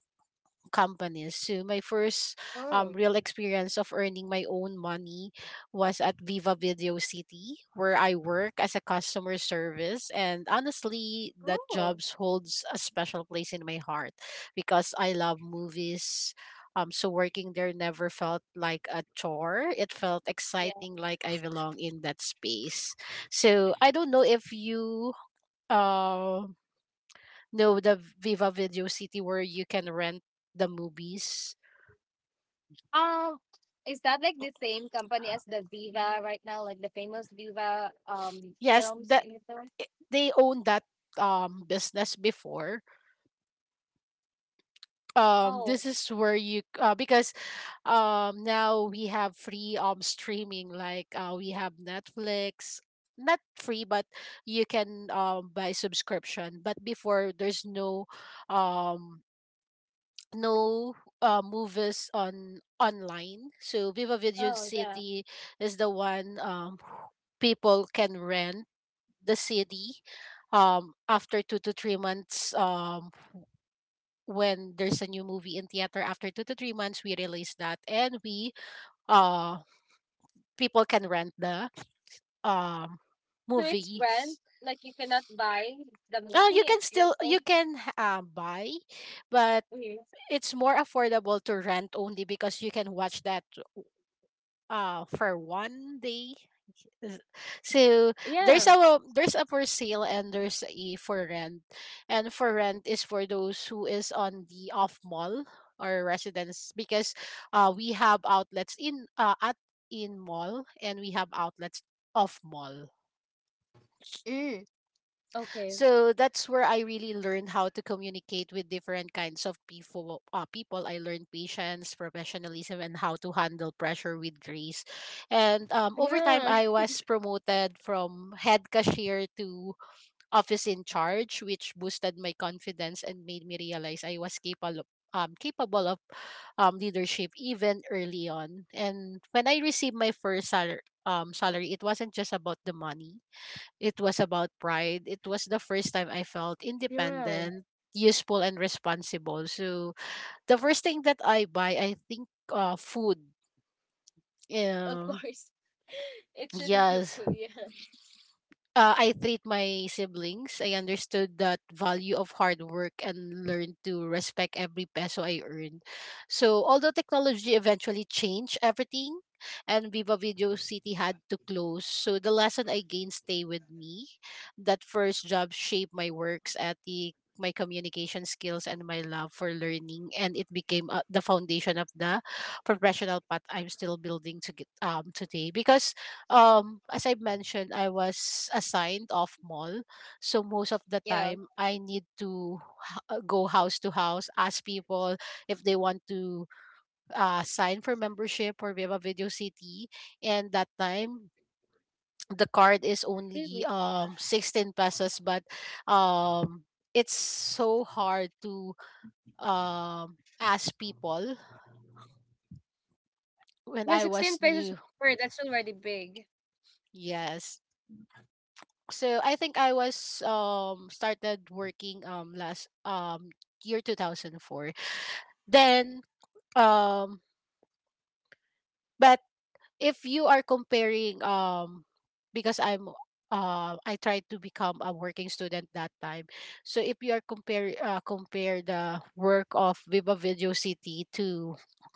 Speaker 2: companies. So my first, um
Speaker 1: Oh,
Speaker 2: real experience of earning my own money was at Viva Video City, where I work as a customer service. And honestly, that
Speaker 1: oh,
Speaker 2: job holds a special place in my heart because I love movies. Um, so working there never felt like a chore. It felt
Speaker 1: yeah.
Speaker 2: exciting, like I belong in that space. So I don't know if you um know the Viva Video City where you can rent the movies.
Speaker 1: Um, is that like the same company as the Viva right now, like the famous Viva um
Speaker 2: Yes,
Speaker 1: films
Speaker 2: that,
Speaker 1: in the
Speaker 2: i- they own that um business before. Um
Speaker 1: Oh,
Speaker 2: this is where you, uh, because um now we have free um streaming, like uh we have Netflix. Not free, but you can um buy subscription. But before, there's no um no uh, movies on online. So Viva Video
Speaker 1: oh yeah.
Speaker 2: City is the one um people can rent the city um after two to three months. Um when there's a new movie in theater, after two to three months we release that, and we uh people can rent the um
Speaker 1: So it's rent,
Speaker 2: movies.
Speaker 1: like you cannot buy the
Speaker 2: Uh,
Speaker 1: movie.
Speaker 2: you can
Speaker 1: It's
Speaker 2: still,
Speaker 1: just all
Speaker 2: you can uh, buy, but
Speaker 1: okay.
Speaker 2: it's more affordable to rent only because you can watch that uh for one day. Th- So there's
Speaker 1: Yeah.
Speaker 2: a, there's a for sale, and there's a for rent. And for rent is for those who is on the off mall or residence, because uh we have outlets in, uh at in mall, and we have outlets off mall.
Speaker 1: Mm, okay.
Speaker 2: So that's where I really learned how to communicate with different kinds of people. Uh, people, I learned patience, professionalism, and how to handle pressure with grace. And um, over time,
Speaker 1: Yeah.
Speaker 2: I was promoted from head cashier to office in charge, which boosted my confidence and made me realize I was capable. Um, capable of um, leadership even early on. And when I received my first salar- um, salary, it wasn't just about the money, it was about pride. It was the first time I felt independent, useful, and responsible. So the first thing that I buy, I think, uh, food.
Speaker 1: Of
Speaker 2: Um,
Speaker 1: course, it should be a
Speaker 2: yes,
Speaker 1: food. Yeah.
Speaker 2: uh, I treat my siblings. I understood that value of hard work and learned to respect every peso I earned. So although technology eventually changed everything and Viva Video City had to close, so the lesson I gained stay with me. That first job shaped my works ethic, my communication skills, and my love for learning, and it became uh, the foundation of the professional path I'm still building to get um today. Because um as I mentioned, I was assigned off mall, so most of the
Speaker 1: Yeah.
Speaker 2: time I need to, h- uh, go house to house, ask people if they want to uh, sign for membership or Viva Video City. And that time the card is only
Speaker 1: Really.
Speaker 2: um sixteen pesos, but um it's so hard to um ask people when
Speaker 1: Well,
Speaker 2: I was
Speaker 1: sixteen pesos
Speaker 2: new.
Speaker 1: per, that's already big.
Speaker 2: Yes, so I think I was um started working um last um year two thousand four. Then, um but if you are comparing, um because I'm uh I tried to become a working student that time. So if you are compare uh, compare the work of Viva Video City to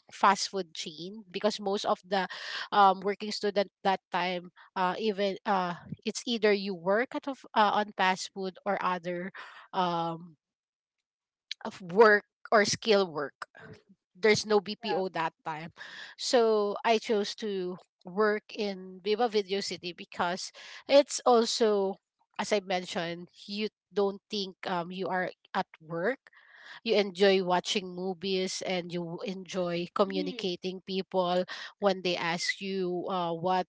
Speaker 2: fast food chain, because most of the um, working student that time, uh, even uh, it's either you work at, of, uh, on fast food, or other um, of work or skill work. There's no
Speaker 1: Yeah.
Speaker 2: B P O that time. So I chose to work in Viva Video City because it's also, as I mentioned, you don't think um, you are at work, you enjoy watching movies and you enjoy communicating people when they ask you, uh, what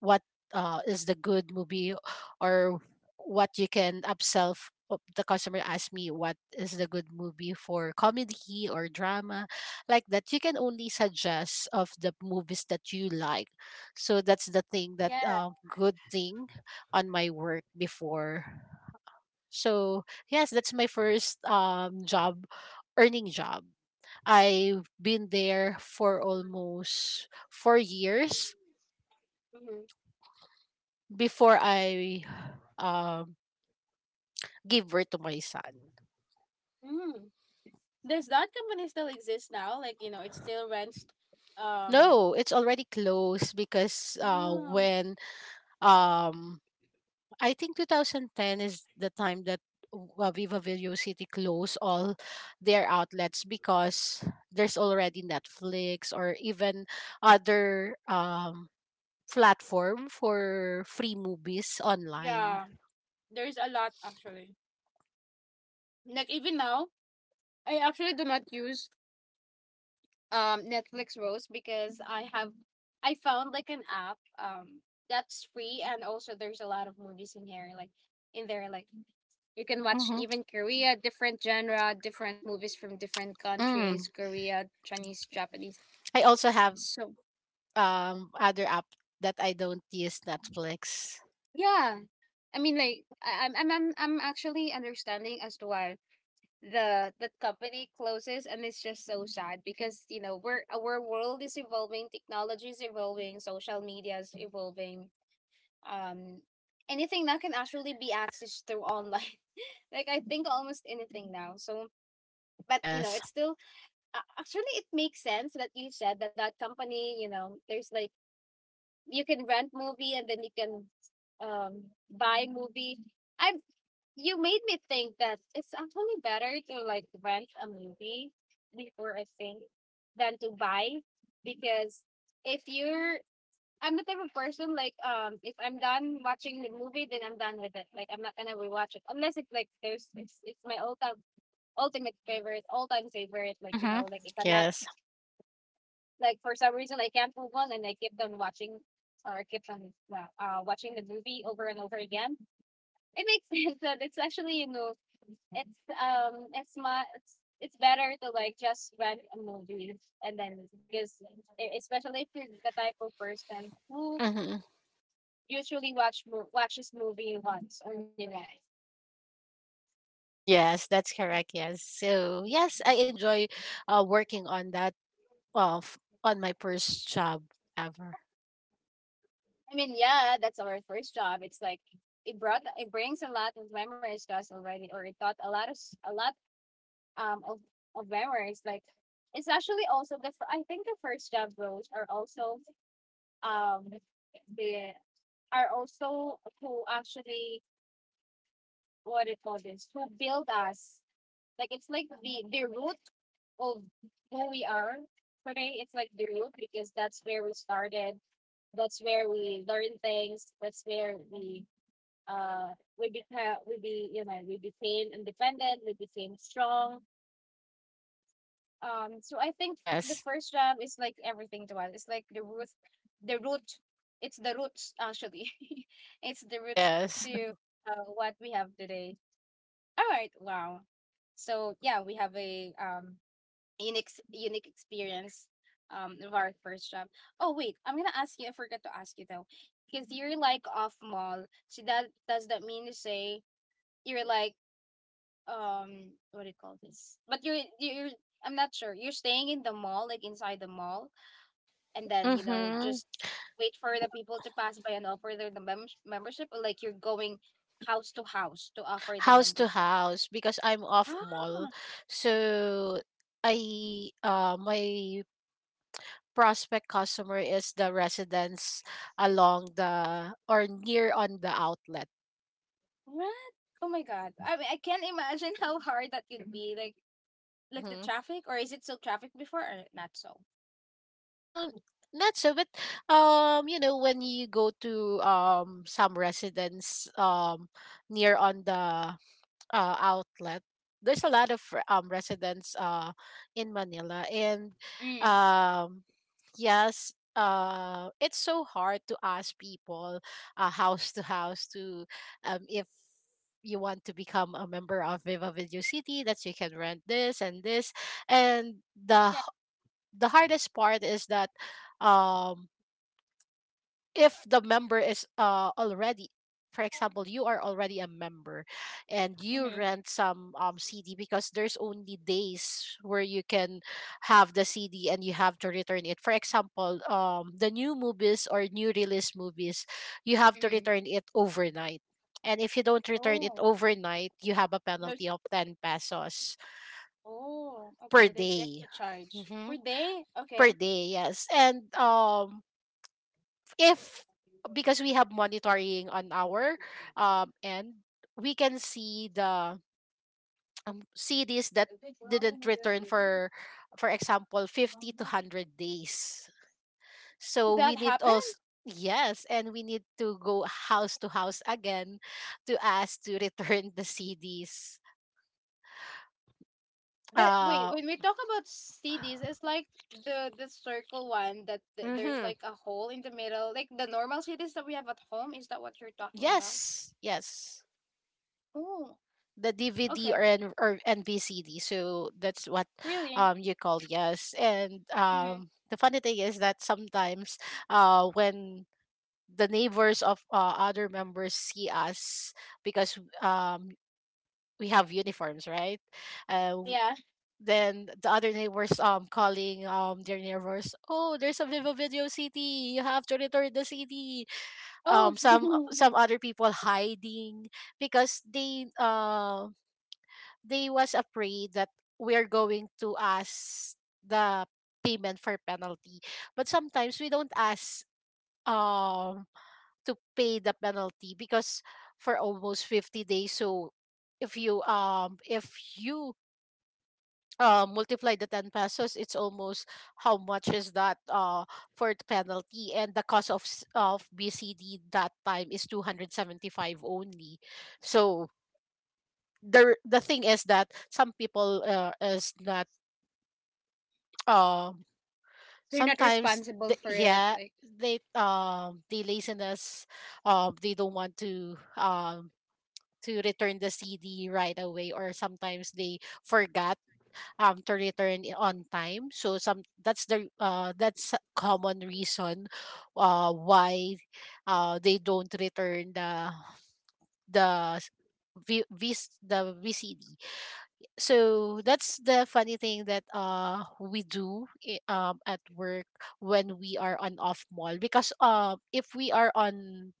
Speaker 2: what uh, is the good movie, or what you can upsell. F- uh, the customer asked me what is the good movie for comedy or drama, like that you can only suggest of the movies that you like. So that's the thing that, uh, good thing on my work before. So yes, that's my first um job, earning job. I've been there for almost four years before I um gave birth to my son.
Speaker 1: Mm-hmm. Does that company still exist now? Like, you know, it still rents um
Speaker 2: No, it's already closed because, uh
Speaker 1: oh
Speaker 2: when um I think twenty ten is the time that, w- uh, Viva Video City closed all their outlets, because there's already Netflix or even other um platform for free movies online.
Speaker 1: yeah. There's a lot actually. Like even now, I actually do not use um Netflix, Rose, because I have I found like an app um that's free and also there's a lot of movies in here, like in there, like you can watch
Speaker 2: Mm-hmm.
Speaker 1: even Korea, different genre, different movies from different
Speaker 2: Mm.
Speaker 1: countries, Korea, Chinese, Japanese.
Speaker 2: I also have
Speaker 1: So
Speaker 2: um other app that I don't use Netflix.
Speaker 1: yeah, I mean, like I- I'm I'm I'm I'm actually understanding as to why the the company closes, and it's just so sad because, you know, we're our world is evolving, technology is evolving, social media is evolving. Um, Anything that can actually be accessed through online. Like I think almost anything now. So, but you know,
Speaker 2: Yes.
Speaker 1: it's still a- actually it makes sense that you said that that company. You know, there's like you can rent movie and then you can um buy movie. I've You made me think that it's actually better to like rent a movie before, I think, than to buy, because if you're I'm the type of person, like um if I'm done watching the movie then I'm done with it. Like I'm not gonna rewatch it unless it's like there's it's, it's my all time ultimate favorite, all time favorite, like you
Speaker 2: Mm-hmm.
Speaker 1: know, like if I'm not
Speaker 2: Yes.
Speaker 1: like for some reason I can't move on and I keep on watching or keep on uh, uh watching the movie over and over again. It makes sense that it's actually, you know, it's um it's my it's, it's better to like just rent a movie, and then because e- especially if you're the type of person who
Speaker 2: Mm-hmm.
Speaker 1: usually watch mo- watches movie once only night.
Speaker 2: Yes, that's correct. Yes. So yes, I enjoy uh, working on that, off on my first job ever.
Speaker 1: I mean, yeah, that's our first job. It's like it brought it brings a lot of memories to us already, or it taught a lot of s- a lot um of, of memories. Like it's actually also the fir- I think the first job roles are also um the are also who actually, what do you call this, who build us, like it's like the the root of who we are today. It's like the root, because that's where we started, that's where we learn things, that's where we uh we became, we be you know, we became independent, we became strong. Um so I think the
Speaker 2: Yes.
Speaker 1: first job is like everything to us. It's like the root, the root, it's the roots actually. It's the roots
Speaker 2: Yes.
Speaker 1: to uh, what we have today. All right. Wow. So yeah, we have a um unique unique experience um of our first job. Oh wait, I'm gonna ask you. I forgot to ask you though, because you're like off mall. So that, does that mean to say you're like um what do you call this? But you're you're I'm not sure. You're staying in the mall, like inside the mall, and then you know
Speaker 2: Mm-hmm.
Speaker 1: just wait for the people to pass by and offer their the mem- membership, or like you're going house to house to offer the
Speaker 2: House to
Speaker 1: membership.
Speaker 2: house because I'm off mall.
Speaker 1: Ah,
Speaker 2: So I uh my prospect customer is the residents along the, or near on the outlet.
Speaker 1: what? Oh my god. I mean, I can't imagine how hard that be. Like, like the
Speaker 2: Mm-hmm.
Speaker 1: traffic, or is it still traffic before, or not so?
Speaker 2: Um Not so, but um you know, when you go to um some residents um near on the uh, outlet, there's a lot of re- um residents uh in Manila. And
Speaker 1: Mm,
Speaker 2: um yes, uh it's so hard to ask people, uh, house to house, to um if you want to become a member of Viva Video City, that you can rent this and this. And the h- the hardest part is that, um if the member is uh already, for example, you are already a member, and you
Speaker 1: mm-hmm,
Speaker 2: rent some um C D, because there's only days where you can have the C D and you have to return it. For example, um the new movies or new release movies, you have to
Speaker 1: mm-hmm.
Speaker 2: return it overnight. And if you don't return it
Speaker 1: Oh,
Speaker 2: overnight, you have a
Speaker 1: there's.
Speaker 2: penalty of ten pesos
Speaker 1: Oh,
Speaker 2: per
Speaker 1: okay. There's
Speaker 2: day.
Speaker 1: extra charge
Speaker 2: Hmm,
Speaker 1: per day.
Speaker 2: per
Speaker 1: Okay.
Speaker 2: day. Yes. And, um if because we have monitoring on our um end, we can see the um, C Ds that didn't return for, for example, fifty to one hundred days.
Speaker 1: Will
Speaker 2: So we
Speaker 1: that
Speaker 2: need
Speaker 1: happen?
Speaker 2: also, yes, and we need to go house to house again to ask to return the C Ds.
Speaker 1: That wait.
Speaker 2: uh
Speaker 1: When we talk about cities, it's like the the circle one that th- there's
Speaker 2: mhm.
Speaker 1: like a hole in the middle, like the normal cities that we have at home. Is that what you're talking about?
Speaker 2: Yes, yes,
Speaker 1: Oh,
Speaker 2: the D V D, or
Speaker 1: okay.
Speaker 2: N, or N V C D. So that's what
Speaker 1: Really?
Speaker 2: um you call. Yes. And
Speaker 1: Mm-hmm.
Speaker 2: um the funny thing is that sometimes, uh when the neighbors of, uh, other members see us, because um we have uniforms, right? Uh,
Speaker 1: Yeah.
Speaker 2: then the other neighbors um calling um their neighbors, "Oh, there's a Viva Video C D. You have to return the C D"
Speaker 1: Oh,
Speaker 2: Um, some some other people hiding, because they uh they was afraid that we're going to ask the payment for penalty. But sometimes we don't ask um to pay the penalty, because for almost fifty days, so if you um if you uh, multiply the ten pesos, it's almost, how much is that, uh for the penalty. And the cost of, s- of B C D that time is two hundred seventy-five only. So the the thing is that some people, uh, is not, um
Speaker 1: they're not
Speaker 2: sometimes,
Speaker 1: responsible
Speaker 2: th-
Speaker 1: for it.
Speaker 2: yeah,
Speaker 1: Like
Speaker 2: they, um the laziness, um they don't want to um to return the CD right away, or sometimes they forgot um to return it on time, so some, that's the, uh that's a common reason, uh why uh they don't return the the s- v, v, the V C D. So that's the funny thing that uh we do, i- um at work, when we are on off mall, because um if we are on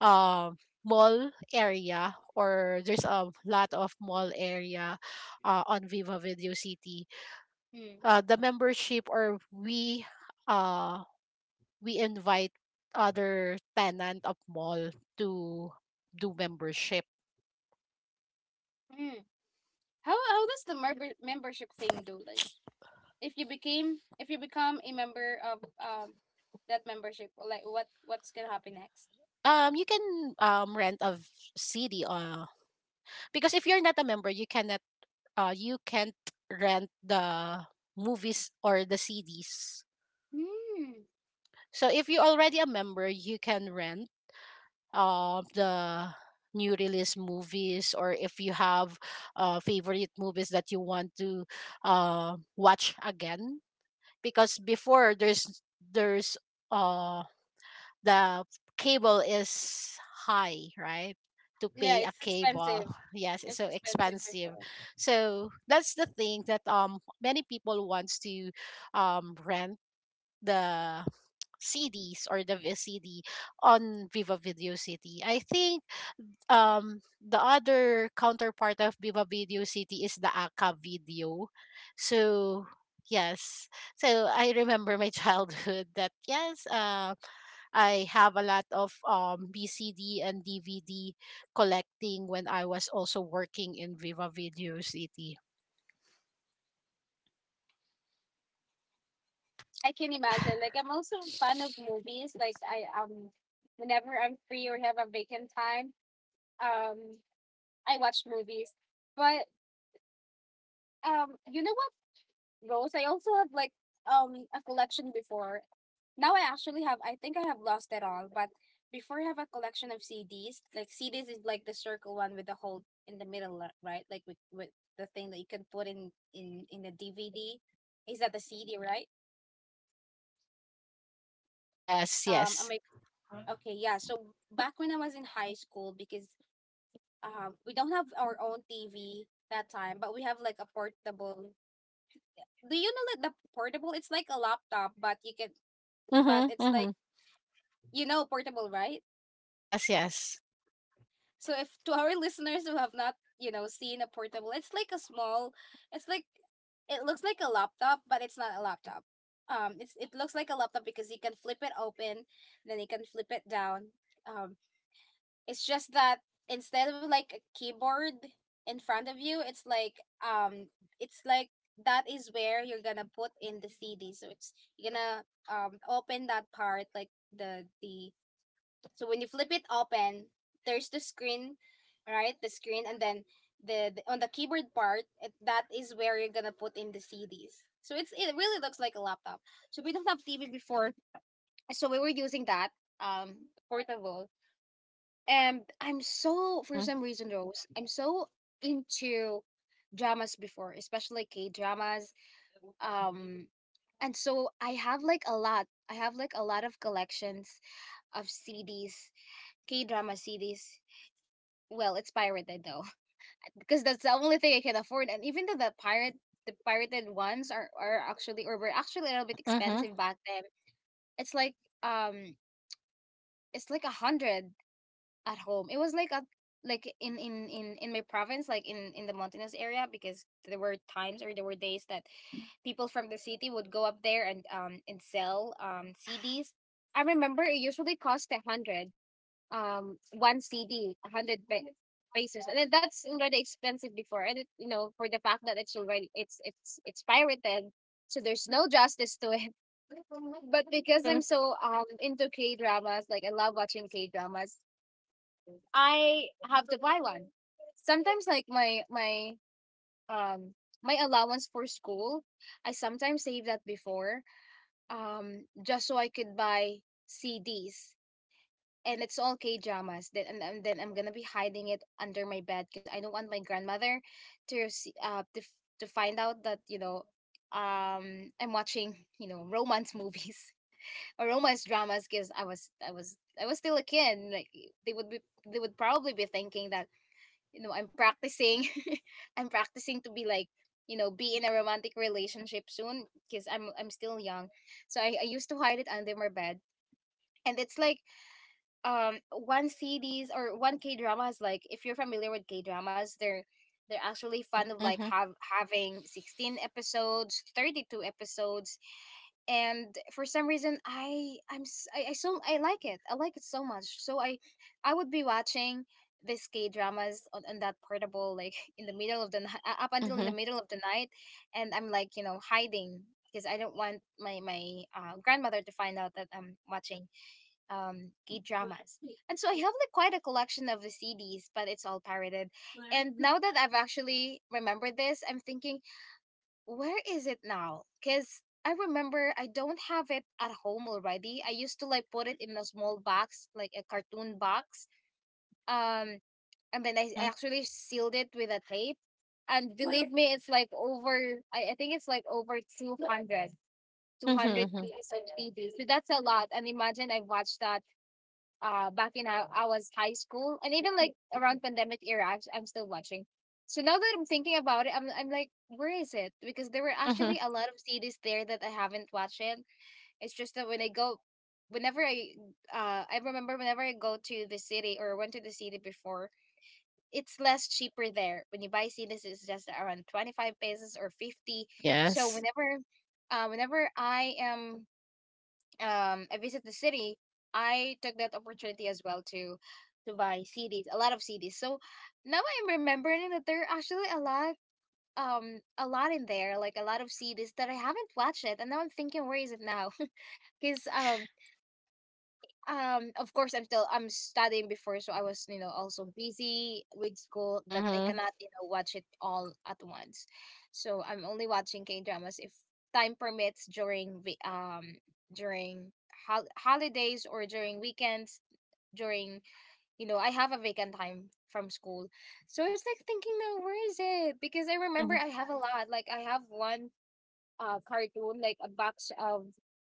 Speaker 2: um mall area, or there's a lot of mall area, uh, on Viva Video City,
Speaker 1: Hmm.
Speaker 2: uh the membership or we uh we invite other tenant of mall to do membership.
Speaker 1: Mm. How how does the member membership thing do? Like if you became if you become a member of um that membership, like what what's gonna happen next?
Speaker 2: Um you can um rent a, v- city, uh because if you're not a member, you cannot, uh you can't rent the movies or the C Ds.
Speaker 1: Hmm.
Speaker 2: So if you're already a member, you can rent uh, the new release movies, or if you have uh, favorite movies that you want to uh, watch again. Because before there's there's uh, the cable is high, right? To
Speaker 1: Yeah,
Speaker 2: pay a
Speaker 1: it's
Speaker 2: cable,
Speaker 1: expensive.
Speaker 2: yes, it's
Speaker 1: It's
Speaker 2: so
Speaker 1: expensive.
Speaker 2: expensive. So that's the thing that um many people wants to um rent the C Ds or the V C D on Viva Video City. I think um the other counterpart of Viva Video City is the Aka Video. So yes, so I remember my childhood that, yes, uh, I have a lot of um, B C D and D V D collecting when I was also working in Viva Video City.
Speaker 1: I can imagine. Like I'm also a fan of movies. Like I um whenever I'm free or have a vacant time, um I watch movies. But um you know what, Rose? I also have like um a collection before. Now I actually have, I think I have lost it all, but before I have a collection of C Ds, like C Ds is like the circle one with the hole in the middle, li- right? Like with, with the thing that you can put in in in the D V D. Is that the C D, right?
Speaker 2: Yes,
Speaker 1: Um, I'm
Speaker 2: yes.
Speaker 1: like, okay, yeah. So back when I was in high school, because um, we don't have our own T V that time, but we have like a portable. Do you know that the portable? It's like a laptop, but you can, but
Speaker 2: Mm-hmm,
Speaker 1: it's
Speaker 2: mm-hmm.
Speaker 1: like you know portable, right?
Speaker 2: Yes, yes.
Speaker 1: So if to our listeners who have not, you know, seen a portable, it's like a small, it's like it looks like a laptop, but it's not a laptop. Um, it's it looks like a laptop because you can flip it open, then you can flip it down. Um, it's just that instead of like a keyboard in front of you, it's like um, it's like that is where you're gonna put in the C D. So it's you're gonna um open that part like the the so when you flip it open, there's the screen, right? The screen, and then the, the on the keyboard part, it, that is where you're gonna put in the C Ds. So it's it really looks like a laptop. So we don't have T V before, so we were using that um portable. And I'm so, for
Speaker 2: Mm-hmm,
Speaker 1: some reason, Rose, I'm so into dramas before, especially K dramas. Um, and so I have like a lot. I have like a lot of collections of C Ds, K drama C Ds. Well, it's pirated though, because that's the only thing I can afford. And even though the pirate, the pirated ones are are actually, or were actually a little bit
Speaker 2: mm-hmm,
Speaker 1: expensive back then. It's like um, it's like a hundred at home. It was like a like in in in in my province, like in in the mountainous area, because there were times or there were days that people from the city would go up there and um and sell um C Ds. I remember it usually cost a hundred um one C D, hundred pe- pesos, and then that's already expensive before, and it, you know, for the fact that it's already it's it's it's pirated, so there's no justice to it. But because
Speaker 2: mm-hmm,
Speaker 1: I'm so um into K dramas, like I love watching K dramas, I have to buy one. Sometimes like my my um my allowance for school, I sometimes save that before um just so I could buy C Ds, and it's all K dramas. Then and, and then I'm gonna be hiding it under my bed because I don't want my grandmother to see, uh to f- to find out that you know um I'm watching you know romance movies or romance dramas, because I was I was I was still a kid. Like they would be they would probably be thinking that you know I'm practicing I'm practicing to be like you know be in a romantic relationship soon because I'm I'm still young. So I, I used to hide it under my bed, and it's like um one C Ds or one K dramas. Like if you're familiar with K dramas, they're they're actually fun of like
Speaker 2: mm-hmm,
Speaker 1: have having sixteen episodes, thirty-two episodes, and for some reason I I'm s- I, I so i like it, i like it so much, so i i would be watching these K dramas on, on that portable like in the middle of the ni- uh, up until in
Speaker 2: mm-hmm,
Speaker 1: the middle of the night, and i'm like you know hiding because i don't want my my uh, grandmother to find out that i'm watching um K dramas. And so I have like quite a collection of the C Ds, but it's all pirated. And now that I've actually remembered this, I'm thinking, where is it now? Because I remember I don't have it at home already. I used to like put it in a small box, like a cartoon box. Um, and then I
Speaker 2: mm-hmm,
Speaker 1: I actually sealed it with a tape. And believe me, it's like over, I, I think it's like over two hundred, two hundred
Speaker 2: mm-hmm,
Speaker 1: pieces of C Ds. So that's a lot. And imagine I watched that uh back in, I, I was high school, and even like around pandemic era, I'm, I'm still watching. So now that I'm thinking about it, I'm I'm like, where is it? Because there were
Speaker 2: mm-hmm.
Speaker 1: actually a lot of series there that I haven't watched yet. It's just that when I go, whenever I uh I remember whenever I go to the city, or went to the city before, it's less cheaper there. When you buy C Ds, it's just around twenty five pesos or fifty. So
Speaker 2: Yes.
Speaker 1: whenever, uh, whenever I am um I visit the city, I took that opportunity as well to to buy C Ds, a lot of C Ds. So now I'm remembering that there are actually a lot, um a lot in there, like a lot of C Ds that I haven't watched yet, and now I'm thinking, where is it now? Because um um of course I'm still I'm studying before, so I was, you know also busy with school, that I
Speaker 2: Mm-hmm,
Speaker 1: cannot you know watch it all at once. So I'm only watching K dramas if time permits during the um during hol- holidays or during weekends, during you know I have a vacant time from school. So it's like thinking now, where is it? Because I remember
Speaker 2: mm-hmm,
Speaker 1: I have a lot, like I have one uh cartoon, like a box of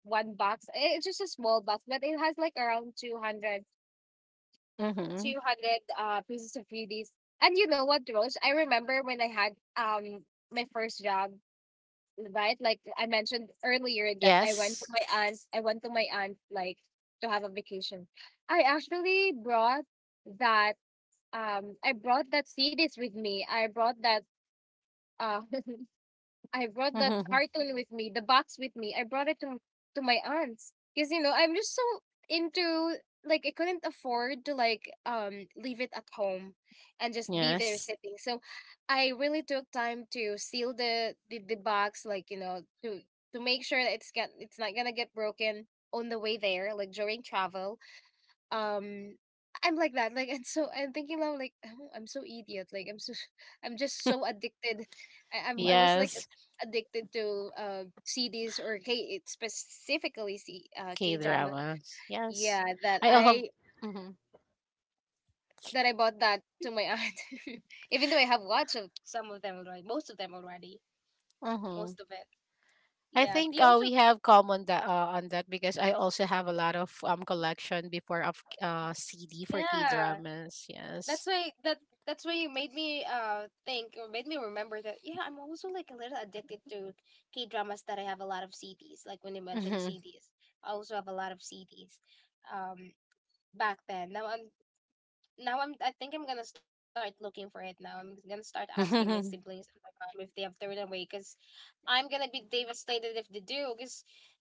Speaker 1: one box Eh, it's just a small box, but it has like around two hundred
Speaker 2: mm-hmm.
Speaker 1: two hundred uh, pieces of C Ds. And you know what, Rose? I remember when I had, um my first job, right? Like I mentioned earlier that I went to
Speaker 2: Yes.
Speaker 1: my aunt. I went to my aunt like to have a vacation. I actually brought that um I brought that C Ds with me. I brought that uh I brought that
Speaker 2: Mm-hmm.
Speaker 1: carton with me, the box with me. I brought it to to my aunt's, because you know I'm just so into, like I couldn't afford to, like um leave it at home and just be there
Speaker 2: Yes.
Speaker 1: sitting. So I really took time to seal the the, the box, like, you know to to make sure that it's get it's not gonna get broken on the way there, like during travel, um I'm like that. Like, and so I'm thinking now, like, "Oh, I'm so idiot. Like, I'm so, I'm just so addicted. I, I'm I was like
Speaker 2: Yes.
Speaker 1: addicted to uh C Ds, or K, specifically, C uh K drama.
Speaker 2: K-dramas. Yes.
Speaker 1: Yeah, that
Speaker 2: I have.
Speaker 1: I
Speaker 2: Mm-hmm,
Speaker 1: that I bought that to my aunt. Even though I have watched of some of them already, most of them already.
Speaker 2: mm-hmm.
Speaker 1: Most of it.
Speaker 2: I
Speaker 1: Yeah.
Speaker 2: think,
Speaker 1: They
Speaker 2: uh,
Speaker 1: also,
Speaker 2: we have common that, uh, on that, because I also have a lot of um collection before of uh C D for K
Speaker 1: yeah.
Speaker 2: dramas.
Speaker 1: That's
Speaker 2: Yes.
Speaker 1: why, that that's why you made me uh think, or made me remember that, yeah, I'm also like a little addicted to K dramas, that I have a lot of C Ds. Like when you mentioned
Speaker 2: Mm-hmm.
Speaker 1: C Ds, I also have a lot of C Ds. Um, Back then. Now I'm now I'm I think I'm gonna start looking for it now. I'm gonna start asking my siblings and my mom if they have thrown away, because I'm gonna be devastated if they do, because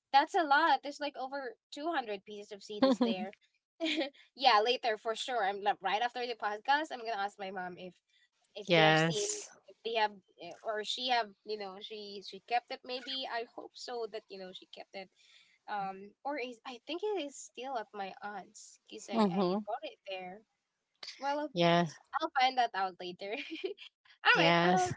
Speaker 1: that's a lot. There's like over two hundred pieces of C Ds there. yeah, later for sure. I'm like, right after the podcast, I'm gonna ask my mom if if they have seen,
Speaker 2: Yes.
Speaker 1: if they have, eh, or she have, you know she she kept it, maybe, I hope so, that you know she kept it. Um or is I think it is still at my aunt's, because i i
Speaker 2: Mm-hmm.
Speaker 1: bought it there. Well,
Speaker 2: Yes.
Speaker 1: I'll find that out later. all right. um
Speaker 2: Yes.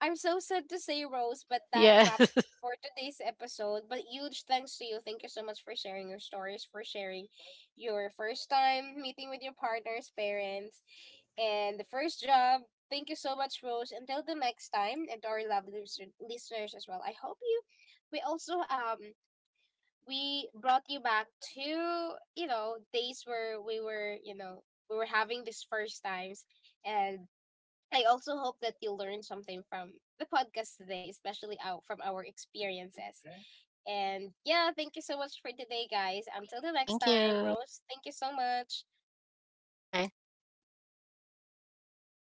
Speaker 1: I'm so sad to say, Rose, but that
Speaker 2: Yes.
Speaker 1: wraps for today's episode. But huge thanks to you. Thank you so much for sharing your stories, for sharing your first time meeting with your partner's parents, and the first job. Thank you so much, Rose. Until the next time, and to our lovely listen- listeners as well. I hope you. We also, um we brought you back to, you know days where we were, you know we were having these first times, and I also hope that you learned something from the podcast today, especially out from our experiences. And yeah, thank you so much for today, guys. Until the next
Speaker 2: Thank
Speaker 1: time,
Speaker 2: you.
Speaker 1: Rose, thank you so much.
Speaker 2: Bye.